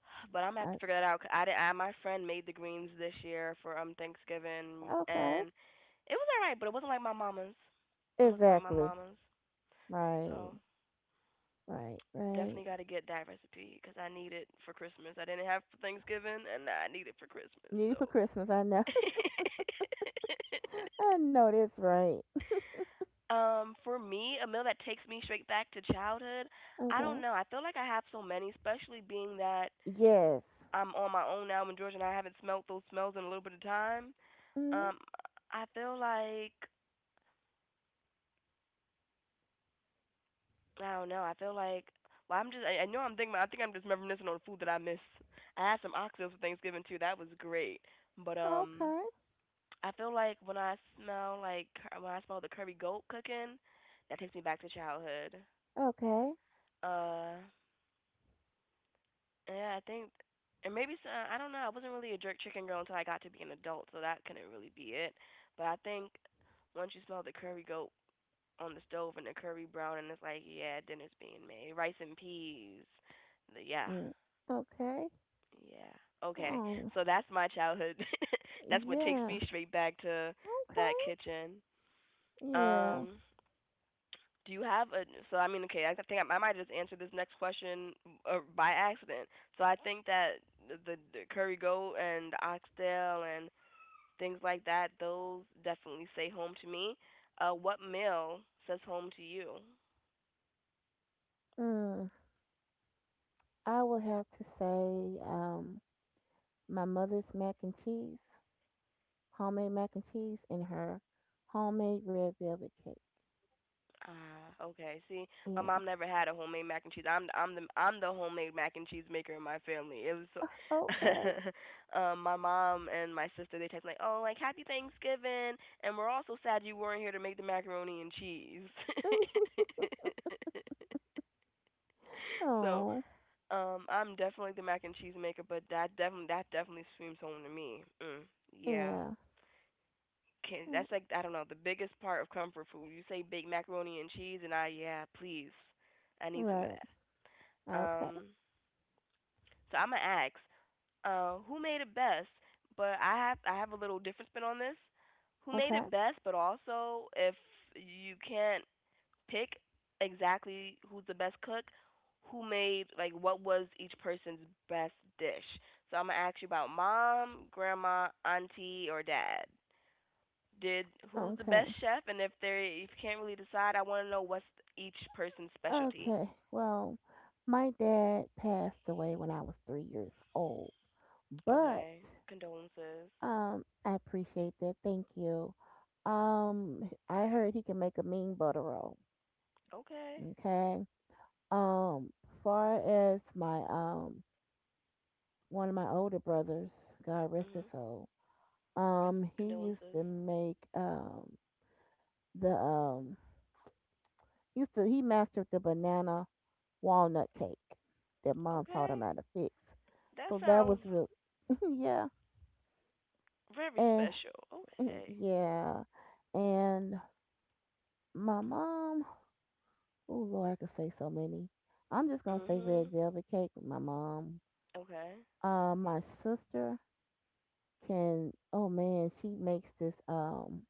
S1: But I'm gonna have to
S2: I,
S1: figure that out. 'Cause I did. I, my friend made the greens this year for Thanksgiving,
S2: okay.
S1: and it was alright, but it wasn't like my mama's. It wasn't like my
S2: Exactly.
S1: mama's,
S2: Right.
S1: so.
S2: Right, right.
S1: Definitely got to get that recipe because I need it for Christmas. I didn't have for Thanksgiving, and I need it for Christmas.
S2: Needy
S1: So,
S2: for Christmas, I know. I know that's right.
S1: for me, a meal that takes me straight back to childhood. I don't
S2: Okay.
S1: know. I feel like I have so many, especially being that
S2: Yes.
S1: I'm on my own now. When George and I haven't smelled those smells in a little bit of time,
S2: Mm,
S1: um, I feel like I don't know. I feel like well, I know I'm thinking. I think I'm just reminiscing on the food that I miss. I had some oxtails for Thanksgiving too. That was great. But
S2: okay.
S1: I feel like when I smell the curry goat cooking, that takes me back to childhood.
S2: Okay.
S1: Uh, yeah, I think, and maybe so, I don't know. I wasn't really a jerk chicken girl until I got to be an adult, so that couldn't really be it. But I think once you smell the curry goat on the stove and the curry brown, and it's like, yeah, dinner's being made, rice and peas. Yeah,
S2: Mm, okay.
S1: yeah. Okay,
S2: Oh,
S1: so that's my childhood. That's what takes
S2: yeah.
S1: me straight back to that
S2: Okay.
S1: kitchen.
S2: Yeah.
S1: Um, do you have a So I mean, okay, I think I might just answer this next question by accident. So I think that the curry goat and oxtail and things like that, those definitely say home to me. What meal says home to you?
S2: Mm, I would have to say my mother's mac and cheese, homemade mac and cheese, and her homemade red velvet cake.
S1: Ah, okay. See, my
S2: Yeah.
S1: mom never had a homemade mac and cheese. I'm the homemade mac and cheese maker in my family. It was so
S2: Uh, Okay.
S1: My mom and my sister they text like, "Oh, like happy Thanksgiving." And we're also sad you weren't here to make the macaroni and cheese. so,
S2: Oh,
S1: I'm definitely the mac and cheese maker, but that definitely screams home to me. Mm, yeah.
S2: yeah.
S1: can
S2: Mm,
S1: That's like, I don't know, the biggest part of comfort food. You say baked macaroni and cheese, and I yeah, please, I need some of
S2: Right.
S1: that.
S2: Okay.
S1: Um, so I'm gonna ask, who made it best? But I have a little different spin on this. Who made
S2: Okay.
S1: it best? But also, if you can't pick exactly who's the best cook, who made like what was each person's best dish? So I'm gonna ask you about mom, grandma, auntie, or dad did who's the best
S2: Okay.
S1: chef, and if you can't really decide, I want to know what's each person's specialty.
S2: Okay. Well, my dad passed away when I was 3 years old, but
S1: Okay. Condolences.
S2: I appreciate that. Thank you. I heard he can make a mean butter roll.
S1: Okay.
S2: Okay. Um, Far as my one of my older brothers, God rest his
S1: Mhm.
S2: soul.
S1: Right.
S2: He used
S1: Condolences.
S2: to make the used to he mastered the banana walnut cake that mom taught him
S1: Okay.
S2: how to fix.
S1: That
S2: So that was
S1: sounds
S2: real. Yeah.
S1: very
S2: And
S1: special. Okay.
S2: yeah. And my mom, oh Lord, I could say so many. I'm just gonna say red
S1: Mhm.
S2: velvet cake. With my mom,
S1: Okay.
S2: my sister can. Oh man, she makes this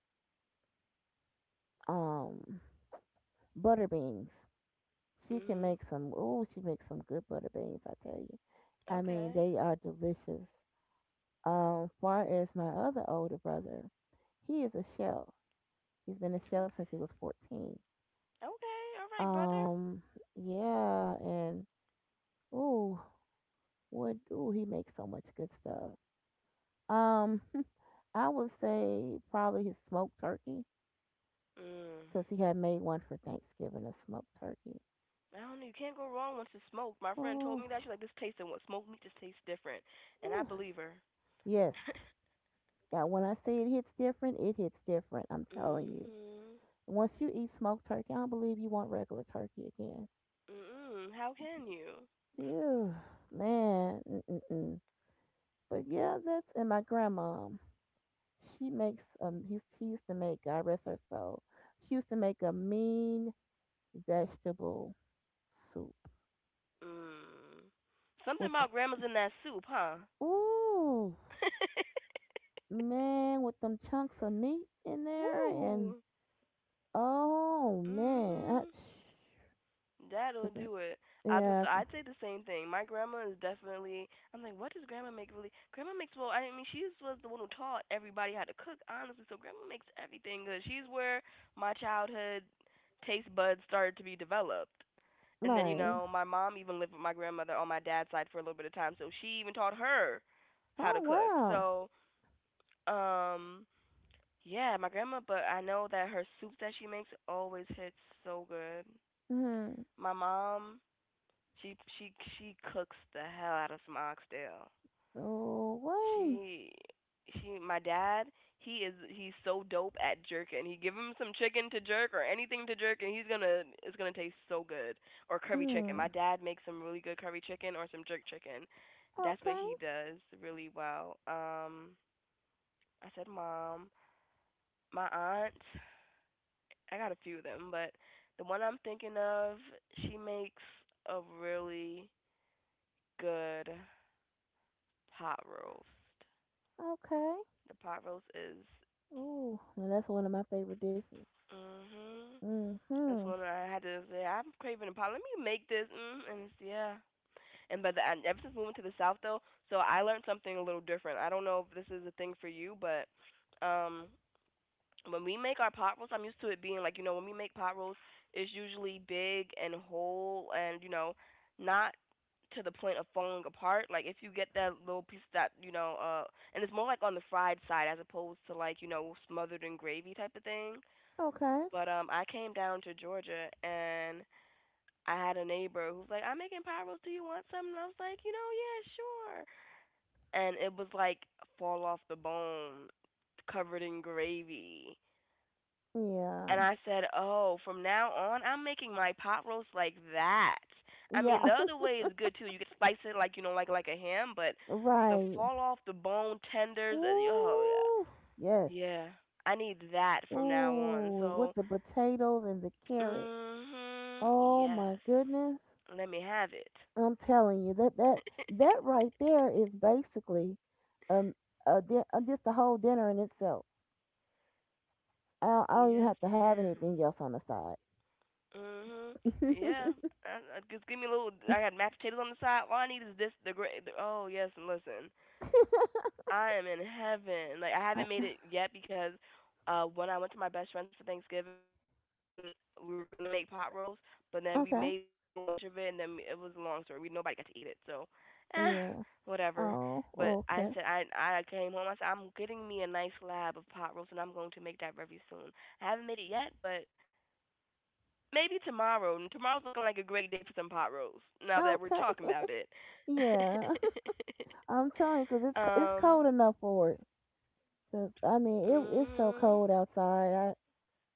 S2: um butter beans. She can
S1: Mhm.
S2: make some. Oh, she makes some good butter beans. I tell you. I mean,
S1: Okay,
S2: they are delicious. Far as my other older brother, he is a chef. He's been a chef
S1: okay,
S2: since he was 14.
S1: okay, all right, brother.
S2: Um, yeah, and ooh, ooh, he makes so much good stuff. Um, I would say probably his smoked turkey
S1: Mm.
S2: because he had made one for Thanksgiving, a smoked turkey.
S1: I don't know. You can't go wrong once it's smoked. My friend told
S2: Oh,
S1: me that. She's like, this tastes and what smoked meat just tastes different, and I
S2: ooh.
S1: believe her.
S2: Yes. Yeah, when I say it hits different, it hits different. I'm telling you.
S1: Mhm.
S2: Once you eat smoked turkey, I don't believe you want regular turkey again.
S1: Mm-mm. How can you?
S2: Ew, man, mm-mm-mm. But yeah, that's and my grandma. She makes. She used to make. God rest her soul. She used to make a mean vegetable soup
S1: Mm. Something
S2: with the
S1: about grandma's in that soup, huh?
S2: ooh man with them chunks of meat in there and
S1: Woo.
S2: oh man,
S1: Mhm. That'll
S2: cause I,
S1: do it. So
S2: yeah,
S1: I'd say the same thing. My grandma is definitely. I'm like, what does grandma make really? Grandma makes well. I mean, she was the one who taught everybody how to cook, honestly. So grandma makes everything good. She's where my childhood taste buds started to be developed. And then,
S2: right.
S1: my mom even lived with my grandmother on my dad's side for a little bit of time, so she even taught her how to
S2: Oh
S1: cook.
S2: wow.
S1: So, um yeah, my grandma, but I know that her soups that she makes always hits so good.
S2: Hmm.
S1: My mom, she she she cooks the hell out of some oxtail.
S2: Oh wait.
S1: She she My dad, he's so dope at jerking. He give him some chicken to jerk or anything to jerk, and he's gonna it's gonna taste so good. Or curry chicken. My
S2: Hmm.
S1: dad makes some really good curry chicken or some jerk chicken. That's what
S2: Okay.
S1: he does really well. I said mom. My aunt, I got a few of them, but the one I'm thinking of, she makes a really good pot roast.
S2: Okay.
S1: The pot roast is.
S2: Ooh, now that's one of my favorite dishes.
S1: Mhm. That's
S2: Mm-hmm.
S1: what I had to say. I'm craving a pot. Let me make this. Mm, and it's, yeah. And by the end, ever since moving to the South, though, so I learned something a little different. I don't know if this is a thing for you, but um, when we make our pot rolls, I'm used to it being like, when we make pot rolls, it's usually big and whole and, not to the point of falling apart. Like if you get that little piece that and it's more like on the fried side as opposed to like smothered in gravy type of thing.
S2: Okay.
S1: But I came down to Georgia, and I had a neighbor who's like, I'm making pyros. Do you want some? And I was like, yeah, sure. And it was like fall off the bone, covered in gravy. And
S2: Yeah.
S1: I said, oh, from now on, I'm making my pot roast like that. I
S2: Yeah.
S1: mean, the other way is good too. You can slice it like like a ham, but the
S2: Right.
S1: fall off the bone tenders. And, oh
S2: Ooh. Yes.
S1: yeah, yeah. I need that from now on.
S2: Ooh, with
S1: So,
S2: the potatoes and the
S1: mm
S2: carrots.
S1: mhm,
S2: Oh my
S1: yes.
S2: goodness.
S1: Let me have it.
S2: I'm telling you that that right there is basically um just a whole dinner in itself. I don't even
S1: Yes,
S2: have to have anything
S1: ma'am.
S2: else on the side.
S1: Mhm. Yeah. I just give me a little. I got mashed potatoes on the side. All I need is this. The great. Oh yes. And listen, I am in heaven. Like I haven't made
S2: Uh,
S1: it yet because when I went to my best friend's for Thanksgiving, we were gonna make pot roast, but then we made
S2: okay.
S1: so much of it, and then it was a long story. We Nobody got to eat it, so eh,
S2: Yeah.
S1: whatever.
S2: Oh,
S1: But I
S2: okay.
S1: said I came home. I said I'm getting me a nice slab of pot roast, and I'm going to make that very soon. I haven't made it yet, but maybe tomorrow. And tomorrow's looking like a great day for some pot roast. Now that we're
S2: Okay.
S1: talking about it.
S2: Yeah. I'm telling you, 'cause it's
S1: um.
S2: cold enough for it. 'Cause I mean, it's
S1: hmm
S2: so cold outside. I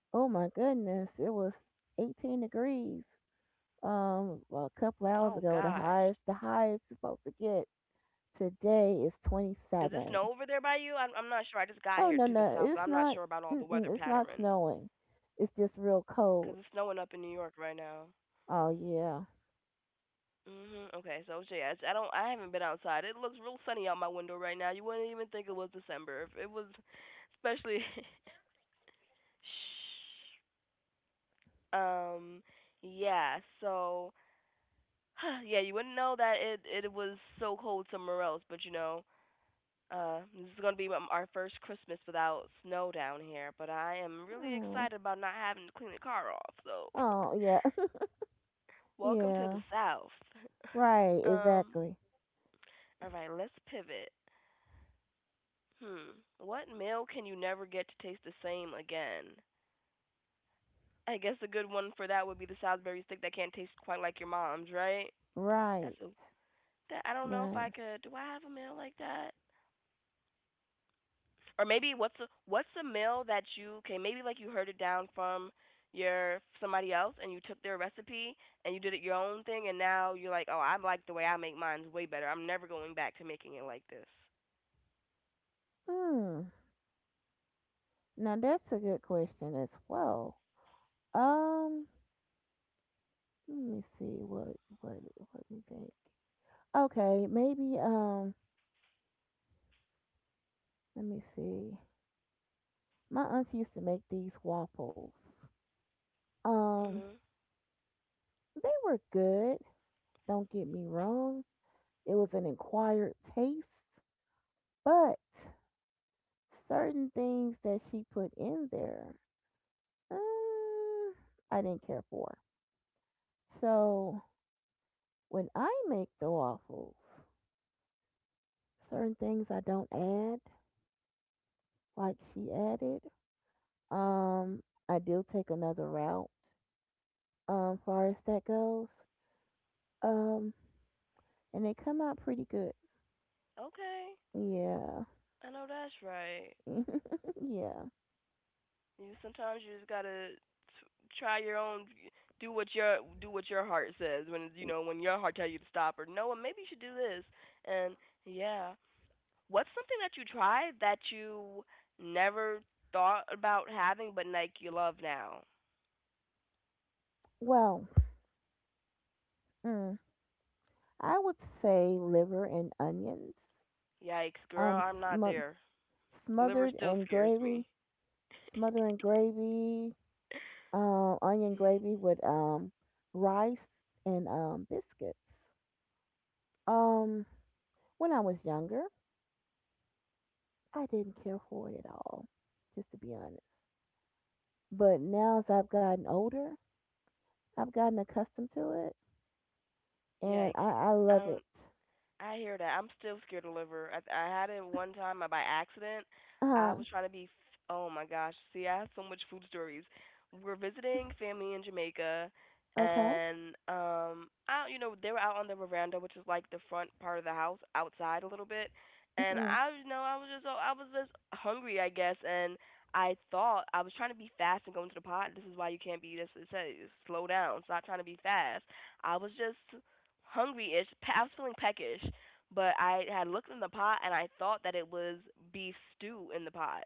S2: Oh my goodness, it was 18 degrees. Well, a
S1: Oh
S2: couple hours
S1: gosh.
S2: ago, the highest it's supposed to get today is
S1: Does it snow over there by
S2: 27.
S1: you? I'm not sure. I just got here to the south, so
S2: Oh
S1: I'm
S2: no
S1: not sure
S2: no,
S1: about
S2: it's
S1: all the
S2: not.
S1: weather patterns.
S2: Mm-mm, it's not snowing. It's just real
S1: 'Cause it's snowing
S2: cold.
S1: up in New York right now.
S2: Oh yeah.
S1: Mhm. Okay, so yeah, I don't. I haven't been outside. It looks real sunny out my window right now. You wouldn't even think it was December if it was, especially. Shh. um. Yeah. So yeah, you wouldn't know that it was so cold somewhere else, but this is gonna be our first Christmas without snow down here. But I am really
S2: Oh
S1: excited about not having to clean the car off. So,
S2: oh yeah.
S1: welcome to the
S2: Yeah.
S1: South.
S2: Right
S1: Um,
S2: exactly.
S1: all right, let's pivot. Hmm, what meal can you never get to taste the same again? I guess a good one for that would be the Salisbury steak that can't taste quite like your mom's, right?
S2: Right,
S1: That's a that I don't know if
S2: right.
S1: I could. Do I have a meal like that? Or maybe, what's a meal that you, okay, maybe, like, you heard it down from your somebody else, and you took their recipe and you did it your own thing, and now you're like, oh, I like the way I make mine way better. I'm never going back to making it like this.
S2: Hmm. Now that's a good question as well. Um, Let me see what what me think. Okay, maybe let me see. My aunts used to make these waffles. Um,
S1: Mhm.
S2: they were good. Don't get me wrong. It was an acquired taste, but certain things that she put in there, um, I didn't care for. So when I make the waffles, certain things I don't add like she added. I do take another route, far as that goes. Um, and they come out pretty good.
S1: Okay,
S2: Yeah.
S1: I know that's right.
S2: Yeah.
S1: You sometimes you just gotta try your own, do what your heart says when when your heart tells you to stop or no, and maybe you should do this, and yeah. What's something that you tried that you never thought about having but like you love now?
S2: Well, mm, I would say liver and onions.
S1: Yikes, girl,
S2: Um,
S1: I'm not
S2: sm-
S1: there. Liver
S2: Smothered
S1: still
S2: in
S1: scares
S2: gravy.
S1: me.
S2: Smothered in gravy. Onion
S1: Mm,
S2: gravy with rice and biscuits. Um, when I was younger, I didn't care for it at all. Just to be honest. But now as I've gotten older, I've gotten accustomed to it, and
S1: yikes.
S2: I
S1: I
S2: love it.
S1: don't I hear that. I'm still scared of liver. I had it one time by accident. I
S2: Huh.
S1: was trying to be. Oh my gosh! See, I have so much food stories. We are visiting family in Jamaica,
S2: Okay.
S1: and I you know they were out on the veranda, which is like the front part of the house, outside a little bit. And
S2: Hmm.
S1: oh, I was just hungry, I guess, and I thought I was trying to be fast and go into the pot. This is why you can't be. This It says slow down. Stop trying to be fast. I was just hungry ish. I was feeling peckish, but I had looked in the pot and I thought that it was beef stew in the pot.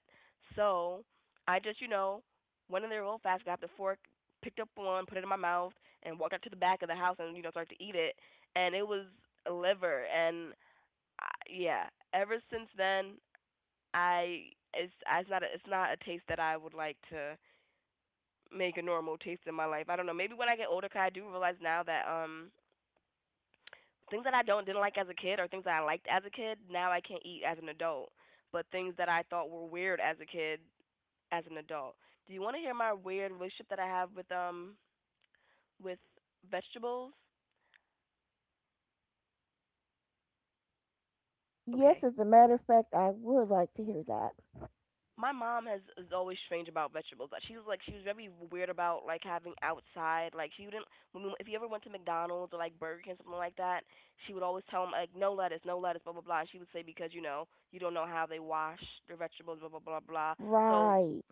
S1: So I just, went in there real fast, grabbed the fork, picked up one, put it in my mouth, and walked out to the back of the house and, started to eat it. And it was liver. Yeah, ever since then, I. It's not a taste that I would like to make a normal taste in my life. I don't know. Maybe when I get older, 'cause I do realize now that things that I don't didn't like as a kid, or things that I liked as a kid, now I can't eat as an adult. But things that I thought were weird as a kid, as an adult. Do you want to hear my weird relationship that I have with vegetables?
S2: Yes,
S1: Okay.
S2: as a matter of fact, I would like to hear that.
S1: My mom has is always strange about vegetables. Like, she was very weird about like having outside, like she wouldn't when we, if you ever went to McDonald's or like Burger King something like that, she would always tell them like no lettuce, no lettuce, blah blah blah. She would say, because you know, you don't know how they wash their vegetables, blah blah blah blah. So
S2: Right.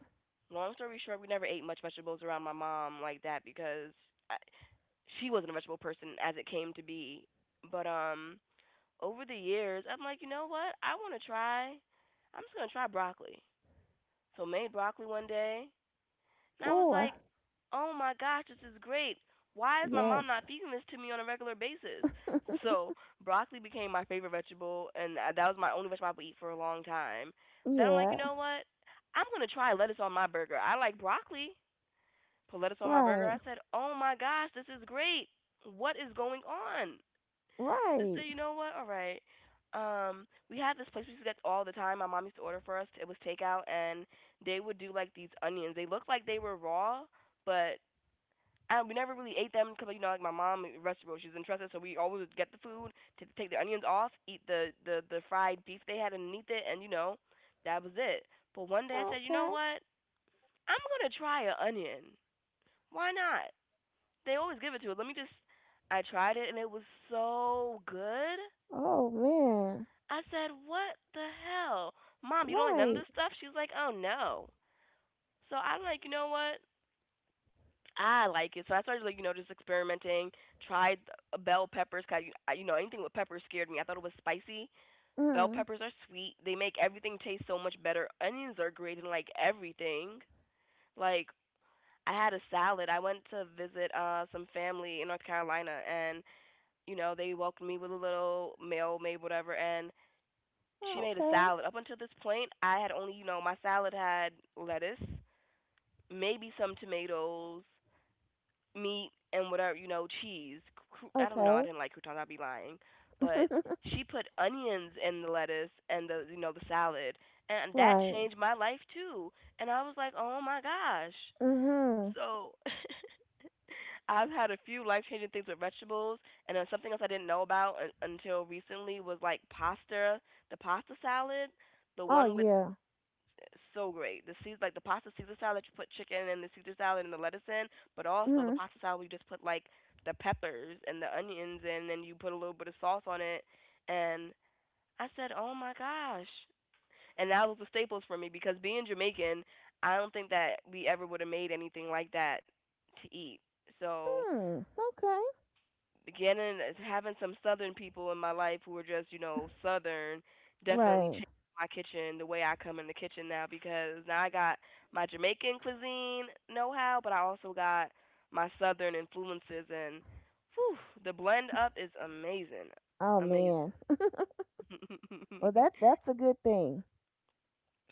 S1: long story short, we never ate much vegetables around my mom like that because I, she wasn't a vegetable person as it came to be. But over the years, I'm like, you know what? I want to try. I'm just going to try broccoli. So made broccoli one day, and I was
S2: Oh,
S1: like, "Oh my gosh, this is great. Why is my
S2: yes.
S1: mom not feeding this to me on a regular basis?" So broccoli became my favorite vegetable, and that was my only vegetable I would eat for a long time. Then I'm like, "You
S2: Yeah.
S1: know what? I'm going to try lettuce on my burger. I like broccoli, put lettuce on my burger.
S2: Right.
S1: I said, "Oh my gosh, this is great. What is going on?" Sister,
S2: Right.
S1: you know what? All right. We had this place we used to get all the time. My mom used to order for us. It was takeout, and they would do like these onions. They looked like they were raw, but and we never really ate them because like, you know, like my mom vegetables she's interested, so we always would get the food, to take the onions off, eat the fried beef they had underneath it, and you know that was it. But one day I said, you know
S2: Okay.
S1: what? I'm gonna try an onion. Why not? They always give it to it. Let me just. I tried it and it was so good.
S2: Oh man.
S1: I said, "What the hell, mom? You don't like none of
S2: Right.
S1: this stuff?" She's like, "Oh no." So I'm like, you know what? I like it. So I started like, you know, just experimenting. Tried bell peppers. 'Cause you know anything with peppers scared me. I thought it was spicy. Bell
S2: Mm.
S1: peppers are sweet. They make everything taste so much better. Onions are great in like everything. Like I had a salad. I went to visit some family in North Carolina, and you know, they welcomed me with a little meal, made whatever, and she made a
S2: Okay.
S1: salad. Up until this point, I had only, you know, my salad had lettuce, maybe some tomatoes, meat, and whatever, you know, cheese. I don't know. I
S2: Okay.
S1: didn't like croutons. I'd be lying, but she put onions in the lettuce and the, you know, the salad, and that
S2: Right.
S1: changed my life too. And I was like, oh my gosh.
S2: Mhm.
S1: So I've had a few life changing things with vegetables, and then something else I didn't know about until recently was like pasta, the pasta salad, the
S2: Oh
S1: one with
S2: yeah.
S1: so great. The seeds like the pasta Caesar salad that you put chicken and the Caesar salad and the lettuce in, but also the
S2: Mhm.
S1: pasta salad where you just put like the peppers and the onions in, and you put a little bit of sauce on it. And I said, oh my gosh! And that was the staples for me because being Jamaican, I don't think that we ever would have made anything like that to eat. So
S2: Mm. Okay.
S1: getting having some southern people in my life who are just, you know, southern, definitely
S2: Right.
S1: changed my kitchen the way I come in the kitchen now because now I got my Jamaican cuisine know how, but I also got my southern influences and whew, the blend up is amazing,
S2: Oh
S1: amazing.
S2: man. Well, that that's a good thing.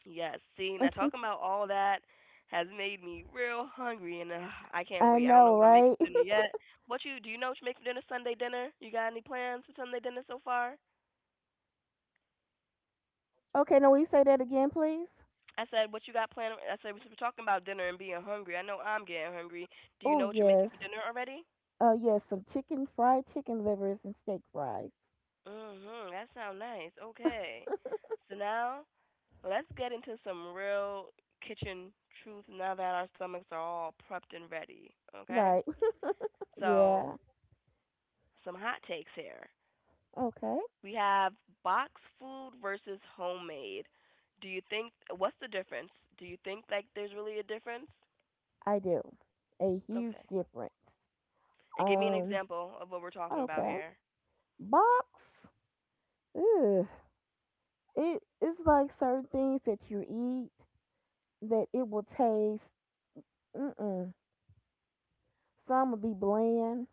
S1: Yes, see, now talking about all that has made me real hungry, and I can't
S2: I
S1: wait. I don't know
S2: know,
S1: what I'm making
S2: right?
S1: for dinner yet. What you do you know what you're making for dinner, Sunday dinner? You got any plans for Sunday dinner so far?
S2: Okay, now will you say that again, please?
S1: I said, what you got planned? I said, we were talking about dinner and being hungry. I know I'm getting hungry. Do you
S2: Oh
S1: know what you're making
S2: yes.
S1: for dinner already?
S2: Yes, some chicken fried chicken livers and steak fries.
S1: Mhm, that sounds nice. Okay. So now let's get into some real kitchen truth now that our stomachs are all prepped and ready, okay?
S2: Right.
S1: So,
S2: Yeah.
S1: some hot takes here.
S2: Okay.
S1: We have box food versus homemade. Do you think, what's the difference? Do you think like there's really a difference?
S2: I do. A huge
S1: Okay.
S2: difference.
S1: And give me an
S2: Um
S1: example of what we're talking about
S2: okay.
S1: here.
S2: Box. Ugh. It it's like certain things that you eat that it will taste mm mm. Some will be bland,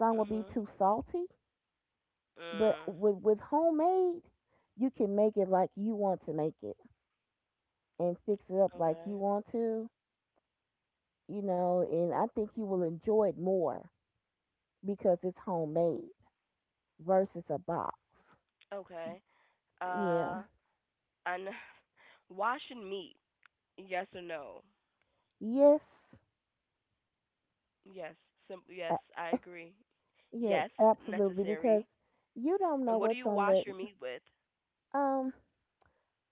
S2: some will be
S1: Mhm.
S2: too salty, but
S1: Mm.
S2: with homemade, you can make it like you want to make it and fix it up like you
S1: Okay.
S2: want to, you know, and I think you will enjoy it more because it's homemade versus a box.
S1: Okay. Uh,
S2: Yeah.
S1: and wash and meat. Yes or no?
S2: Yes.
S1: Yes.
S2: a-
S1: Yes, I agree.
S2: Yes,
S1: Yes,
S2: absolutely because
S1: necessary.
S2: you don't know
S1: And what do
S2: what's
S1: you
S2: on that.
S1: wash your meat with?
S2: Um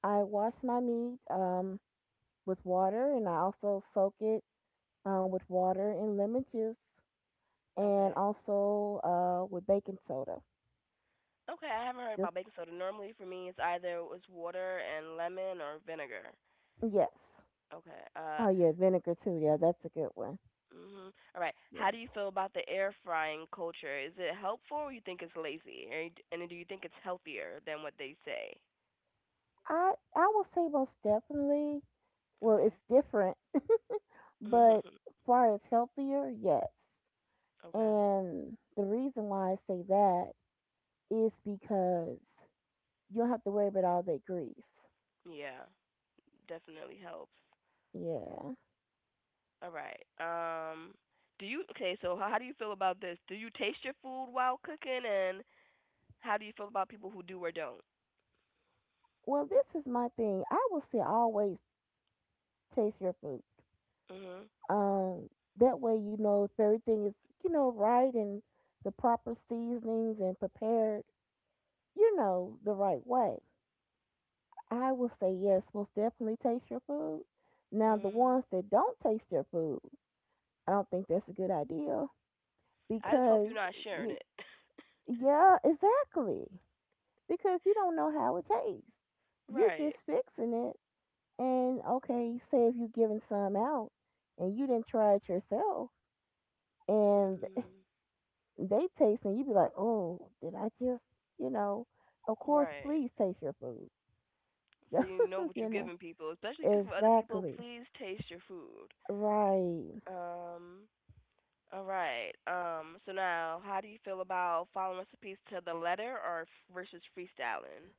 S2: I wash my meat with water and I also soak it with water and lemon juice and
S1: Okay.
S2: also with baking soda
S1: Okay, I haven't heard
S2: just
S1: about baking soda. Normally for me it's either it's water and lemon or vinegar.
S2: Yes.
S1: Okay.
S2: Oh yeah, vinegar too. Yeah, that's a good one.
S1: Mhm. All right. How
S2: Yes.
S1: do you feel about the air frying culture? Is it helpful, or you think it's lazy? And do you think it's healthier than what they say?
S2: I will say most definitely. Well, it's
S1: Okay.
S2: different, but far as healthier, yes.
S1: okay.
S2: And the reason why I say that is because you don't have to worry about all that grease.
S1: Yeah. Definitely helps.
S2: Yeah.
S1: All right. Do you okay? So how do you feel about this? Do you taste your food while cooking, and how do you feel about people who do or don't?
S2: Well, this is my thing. I will say always taste your food.
S1: Mhm.
S2: Um, that way you know if everything is right and the proper seasonings and prepared, you know, the right way. I would say yes, most definitely taste your food. Now, the ones
S1: Mhm.
S2: that don't taste their food, I don't think that's a good idea
S1: I just hope
S2: because,
S1: you're not sharing
S2: you,
S1: it.
S2: yeah, exactly. Because you don't know how it tastes. You're just
S1: right.
S2: fixing it. And okay, say if you're giving some out and you didn't try it yourself and
S1: Mm-mm.
S2: they taste and you be like, oh, did I just, you know, of course,
S1: Right.
S2: please taste your food.
S1: So you know what
S2: you
S1: you're
S2: know,
S1: giving people. Especially cooking for other people,
S2: exactly.
S1: please taste your food.
S2: Right.
S1: Um, all right. So now, how do you feel about following recipes to the letter versus freestyling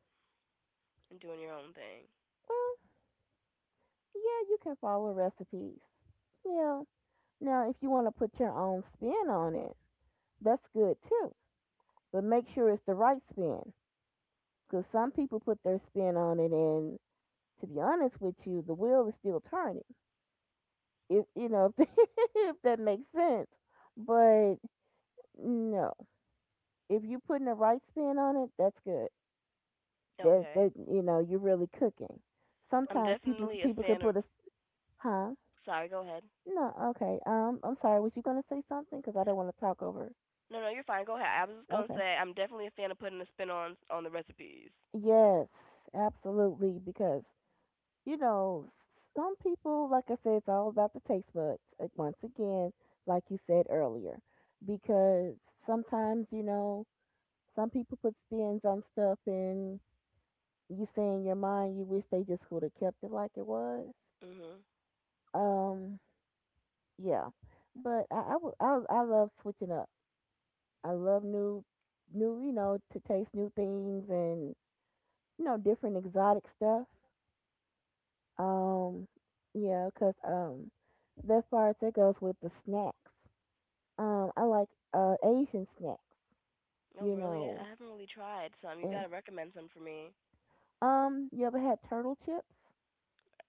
S1: and doing your own thing?
S2: Well, yeah, you can follow recipes. Yeah. Now, if you want to put your own spin on it, that's good too. But make sure it's the right spin. Because some people put their spin on it, and to be honest with you, the wheel is still turning. If you know, if that makes sense. But no, if you're putting the right spin on it, that's good. That
S1: Okay.
S2: that you know, you're really cooking.
S1: I'm
S2: Sometimes people
S1: definitely a
S2: people could
S1: fan
S2: put
S1: of.
S2: a huh?
S1: Sorry, go ahead.
S2: No, okay. I'm sorry. Was you gonna say something? Because I don't want to talk over.
S1: No, no, you're fine. Go ahead. I was just gonna
S2: Okay.
S1: say I'm definitely a fan of putting a spin on the recipes.
S2: Yes, absolutely. Because you know, some people, like I said, it's all about the taste buds. Like once again, like you said earlier, because sometimes some people put spins on stuff, and you say in your mind, you wish they just would have kept it like it was.
S1: Mhm.
S2: Um, yeah. But I love switching up. I love new, you know, to taste new things and you know different exotic stuff. Um, yeah, 'cause that far as that goes with the snacks. I like Asian snacks.
S1: No,
S2: You
S1: really,
S2: know,
S1: I haven't really tried some. You
S2: and
S1: gotta recommend some for me.
S2: you ever had turtle chips?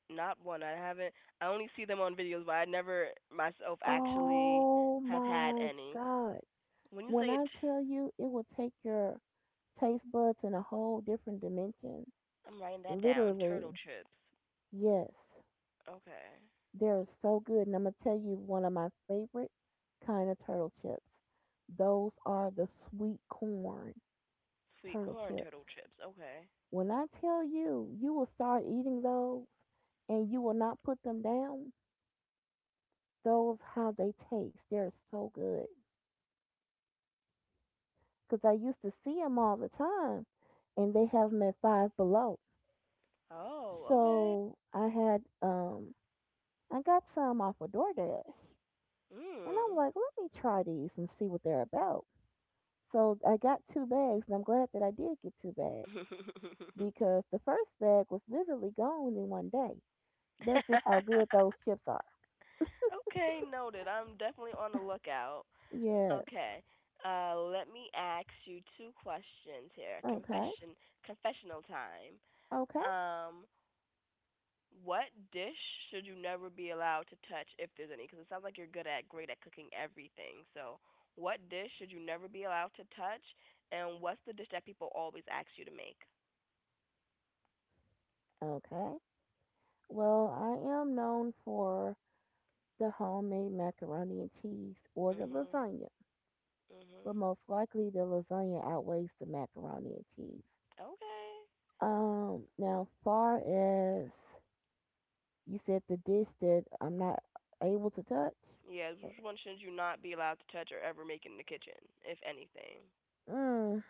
S1: Not one. I haven't. I only see them on videos, but I never myself actually
S2: Oh
S1: have had
S2: my
S1: any.
S2: God!
S1: When you
S2: When
S1: say it,
S2: I tell you, it will take your taste buds in a whole different dimension.
S1: I'm writing that down.
S2: Literally,
S1: Turtle chips.
S2: yes.
S1: Okay.
S2: They're so good. And I'm going to tell you one of my favorite kind of turtle chips. Those are the sweet corn
S1: Sweet
S2: turtle
S1: corn turtle
S2: chips.
S1: chips. Okay.
S2: When I tell you, you will start eating those and you will not put them down. Those how they taste. They're so good. Cause I used to see them all the time and they have them at Five Below.
S1: Oh, okay.
S2: So I had I got some off of DoorDash and I'm
S1: Mm.
S2: like, let me try these and see what they're about. So I got two bags, and I'm glad that I did get two bags because the first bag was literally gone in one day. That's just how good those chips are.
S1: okay, noted. I'm definitely on the lookout.
S2: Yes.
S1: Okay. Let me ask you two questions here.
S2: Okay.
S1: Confession, confessional time.
S2: Okay.
S1: Um, What dish should you never be allowed to touch if there's any? Because it sounds like you're good at great at cooking everything. So, what dish should you never be allowed to touch, and what's the dish that people always ask you to make?
S2: Okay. Well, I am known for the homemade macaroni and cheese or the
S1: Mhm.
S2: lasagna, but
S1: Mhm.
S2: most likely the lasagna outweighs the macaroni and cheese.
S1: Okay.
S2: Now, far as you said the dish that I'm not able to touch.
S1: Yeah.
S2: uh,
S1: Which one should you not be allowed to touch or ever make in the kitchen, if anything?
S2: Mm.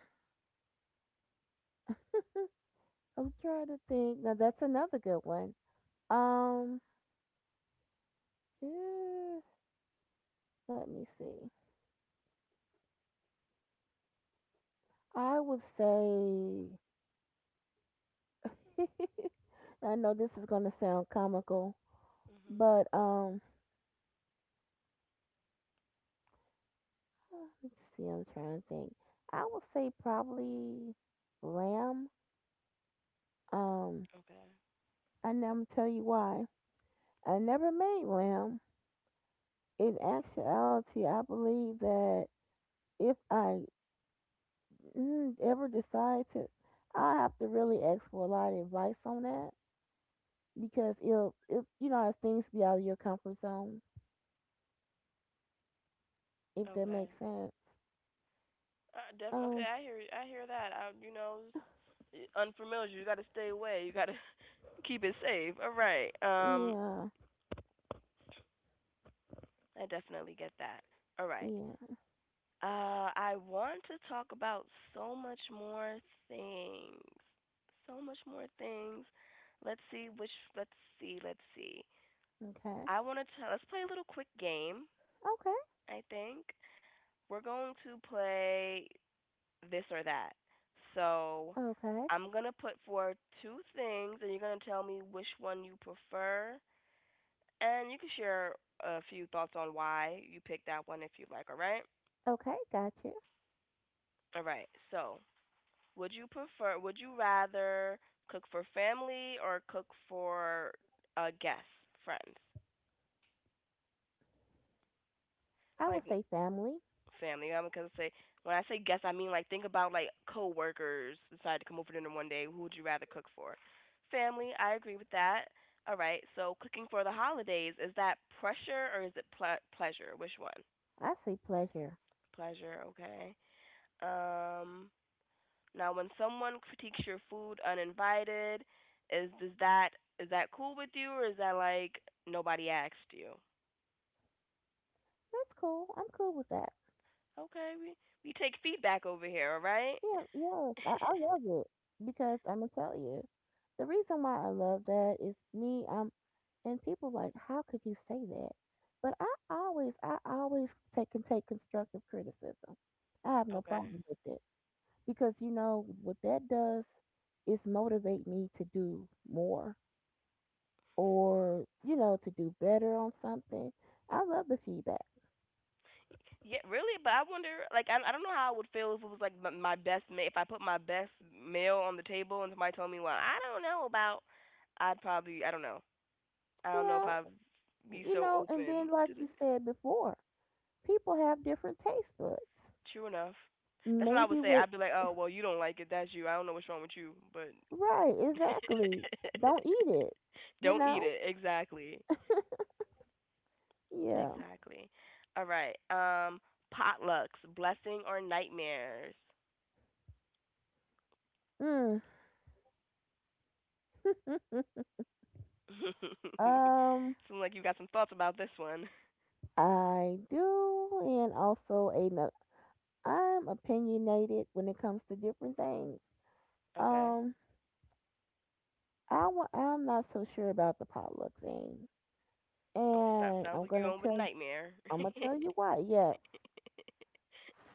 S2: I'm trying to think. Now that's another good one. Um, eh, let me see. I would say I know this is gonna sound comical,
S1: Mhm.
S2: but let's see. I'm trying to think. I would say probably lamb. Um,
S1: Okay.
S2: and I'm gonna tell you why. I never made lamb. In actuality, I believe that if I ever decide to, I'll have to really ask for a lot of advice on that, because you know, as things be out of your comfort zone, if that
S1: Okay.
S2: makes sense.
S1: Okay.
S2: Um,
S1: I hear. I hear that. I, you know, it's unfamiliar. You got to stay away. You got to keep it safe. All right.
S2: yeah,
S1: I definitely get that. All right.
S2: yeah,
S1: I want to talk about so much more things. So much more things. Let's see which. Let's see. Let's see.
S2: okay,
S1: I want to tell. Let's play a little quick game.
S2: okay,
S1: I think we're going to play this or that. So
S2: okay,
S1: I'm gonna put forward two things, and you're gonna tell me which one you prefer, and you can share a few thoughts on why you picked that one if you like. All right.
S2: okay, gotcha.
S1: All right. So would you rather cook for family or cook for guests, friends?
S2: I would
S1: Like
S2: say family.
S1: family. I'm gonna say when I say guests, I mean like think about like coworkers decide to come over for dinner one day. Who would you rather cook for? Family. I agree with that. All right. So cooking for the holidays, is that pressure or is it pleasure? Which one?
S2: I say pleasure.
S1: Pleasure. Okay. Um. Now, when someone critiques your food uninvited, is does that is that cool with you, or is that like nobody asked you?
S2: That's cool. I'm cool with that.
S1: Okay, we take feedback over here, all right?
S2: Yeah, yes, I love it because I'm gonna tell you, the reason why I love that is me. And people like, how could you say that? But I always take and take constructive criticism. I have no
S1: Okay.
S2: problem with it, because you know what that does is motivate me to do more or you know to do better on something. I love the feedback.
S1: Yeah, really, but I wonder, like, I don't know how I would feel if it was like my best meal. If I put my best meal on the table and somebody told me, "Well, I don't know about," I'd probably, I don't know if
S2: Yeah,
S1: I'd be
S2: you
S1: so
S2: know, and
S1: open
S2: then like
S1: to the.
S2: you said before, people have different taste buds,
S1: True enough. That's what I
S2: maybe
S1: would say.
S2: what.
S1: I'd be like, "Oh, well, you don't like it. That's you. I don't know what's wrong with you, but
S2: Right, exactly. Don't eat it, you
S1: Don't eat
S2: know.
S1: it. Exactly.
S2: Yeah.
S1: Exactly. All right. Potlucks, blessing or nightmares?
S2: Mm. um
S1: Seems like you got some thoughts about this one.
S2: I do, and also another, I'm opinionated when it comes to different things.
S1: Okay.
S2: um I I'm not so sure about the potluck thing,
S1: Okay. So,
S2: and
S1: sounds
S2: I'm
S1: like you're
S2: gonna
S1: going with
S2: tell you.
S1: nightmare.
S2: I'm gonna tell you why. Yes,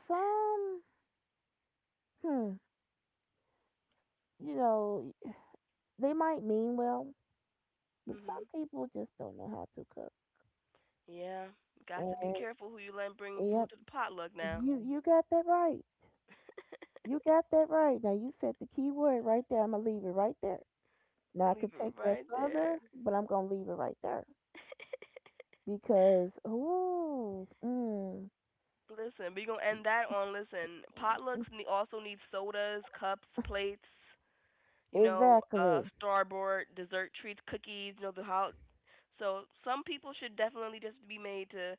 S2: some, hmm, you know, they might mean well, but
S1: Mhm.
S2: some people just don't know how to cook.
S1: Yeah. Got
S2: And
S1: to be careful who you let bring
S2: yep,
S1: food to the potluck now.
S2: you got that right. You got that right. Now you said the key word right there. I'm gonna leave it right there. Now I could
S1: Leave
S2: take
S1: it
S2: that
S1: right there.
S2: further, but I'm gonna leave it right there because ooh,
S1: Listen, we gonna
S2: e,
S1: end that on. Listen,
S2: e,
S1: also need sodas, cups, plates.
S2: exactly.
S1: Starboard dessert treats, cookies, you know, the how. So some people should definitely just be made to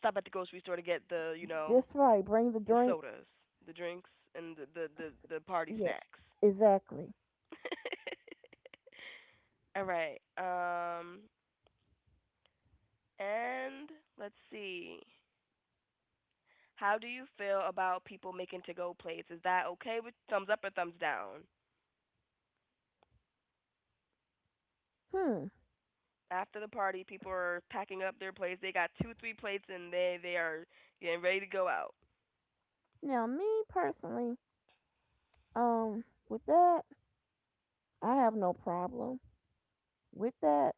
S1: stop at the grocery store to get the
S2: That's right. Bring the
S1: the
S2: drink.
S1: sodas, the drinks, and the the party
S2: Yeah,
S1: snacks.
S2: exactly.
S1: All right. And let's see. How do you feel about people making to-go plates? Is that okay with thumbs up or thumbs down?
S2: Hmm.
S1: After the party, people are packing up their plates. They got two, three plates, and they are getting ready to go out.
S2: Now, me personally, um, with that, I have no problem with that,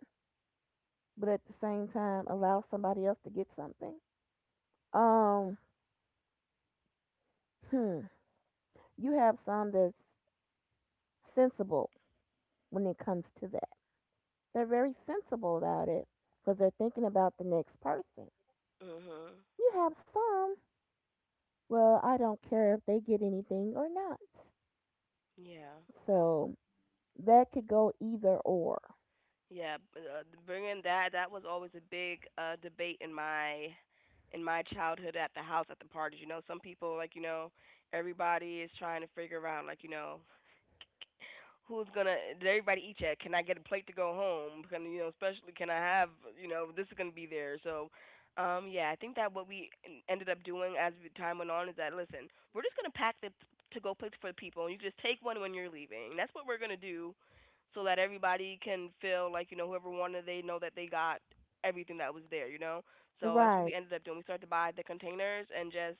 S2: but at the same time, allow somebody else to get something. Um, hmm. You have some that's sensible when it comes to that. They're very sensible about it because they're thinking about the next person.
S1: Mhm.
S2: You have some, well, I don't care if they get anything or not.
S1: Yeah.
S2: So that could go either or.
S1: Bringing that was always a big debate in my childhood at the house at the parties. You know, some people like, you know, Everybody is trying to figure out like who's gonna, did everybody eat yet? Can I get a plate to go home? Can I have, you know, this is gonna be there. So, yeah, I think that what ended up doing as time went on is that, listen, we're just gonna pack the to go plates for the people, and you just take one when you're leaving. That's what we're gonna do, so that everybody can feel like, you know, whoever wanted, they know that they got everything that was there. You know, so that's what
S2: Right,
S1: we ended up doing. We started to buy the containers and just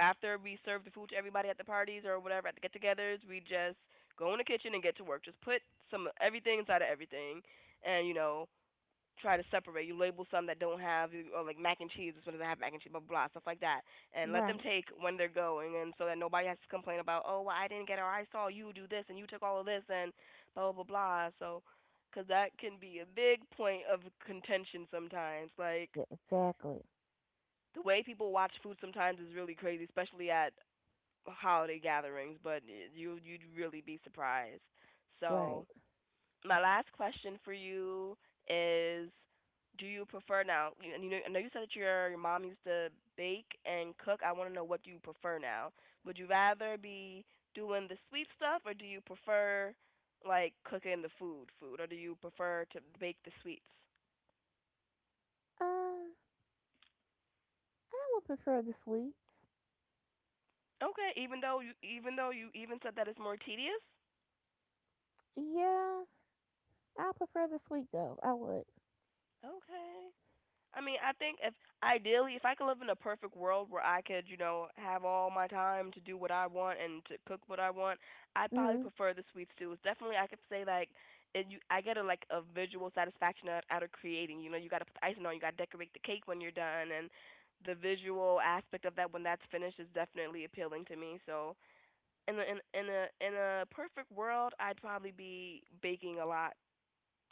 S1: after we serve the food to everybody at the parties or whatever at the get-togethers, we just go in the kitchen and get to work. Just put some, everything inside of everything, and, you know, try to separate. You label some that don't have or like mac and cheese. This one doesn't have mac and cheese. Blah blah, blah, stuff like that, and let them
S2: right.
S1: take when they're going, and so that nobody has to complain about, oh, well, I didn't get it or I saw you do this and you took all of this and blah blah blah, blah. So because that can be a big point of contention sometimes. Like
S2: Yeah, exactly.
S1: the way people watch food sometimes is really crazy, especially at holiday gatherings, but you you'd really be surprised. So
S2: Right.
S1: my last question for you is, do you prefer now? You know, I know you said that your mom used to bake and cook. I want to know what you prefer now. Would you rather be doing the sweet stuff, or do you prefer like cooking the food, or do you prefer to bake the sweets?
S2: I would prefer the sweet.
S1: Okay, even though you, even though you even said that it's more tedious.
S2: Yeah, I prefer the sweet though. I would.
S1: Okay. I mean, I think if, ideally, if I could live in a perfect world where I could, you know, have all my time to do what I want and to cook what I want, I'd probably
S2: Mm-hmm.
S1: prefer the sweet stews. Definitely, I could say like, it, you, I get a like a visual satisfaction out of creating. You know, you got to put the icing on, you got to decorate the cake when you're done, and the visual aspect of that when that's finished is definitely appealing to me. So, in a perfect world, I'd probably be baking a lot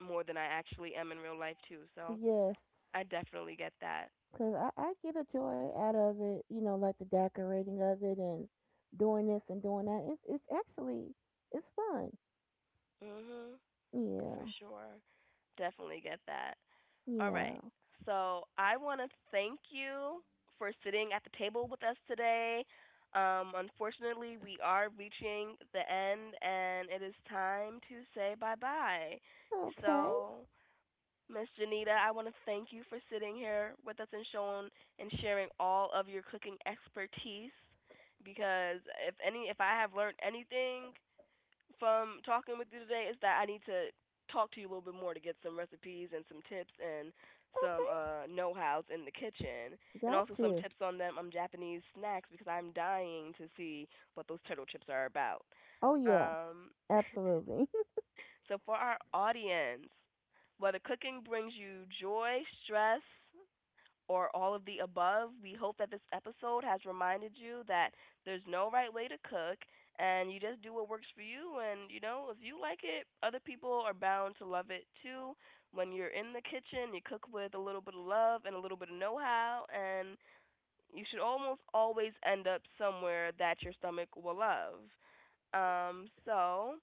S1: more than I actually am in real life too. So,
S2: Yes,
S1: I definitely get that.
S2: cause I get a joy out of it. You know, like the decorating of it and doing this and doing that. It's actually it's fun.
S1: Mhm. For
S2: Yeah,
S1: sure. Definitely get that. All right.
S2: yeah.
S1: So, I want to thank you for sitting at the table with us today. Unfortunately, we are reaching the end and it is time to say bye-bye.
S2: Okay,
S1: So, Miss Janita, I want to thank you for sitting here with us and showing and sharing all of your cooking expertise because if any, if I have learned anything from talking with you today, is that I need to talk to you a little bit more to get some recipes and some tips and some
S2: okay.
S1: know-hows in the kitchen and
S2: Got
S1: also some
S2: you.
S1: tips on them on Japanese snacks because I'm dying to see what those turtle chips are about.
S2: Oh yeah,
S1: Um
S2: absolutely.
S1: so for our audience, whether cooking brings you joy, stress, or all of the above, we hope that this episode has reminded you that there's no right way to cook and you just do what works for you. And, you know, if you like it, other people are bound to love it too. When you're in the kitchen, you cook with a little bit of love and a little bit of know how, and you should almost always end up somewhere that your stomach will love. So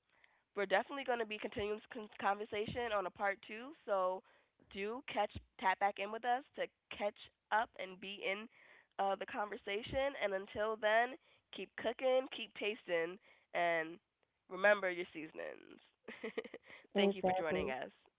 S1: we're definitely going to be continuing this conversation on a part two, so do catch tap back in with us to catch up and be in the conversation. And until then, keep cooking, keep tasting, and remember your seasonings. Thank you for joining
S2: exactly.
S1: us.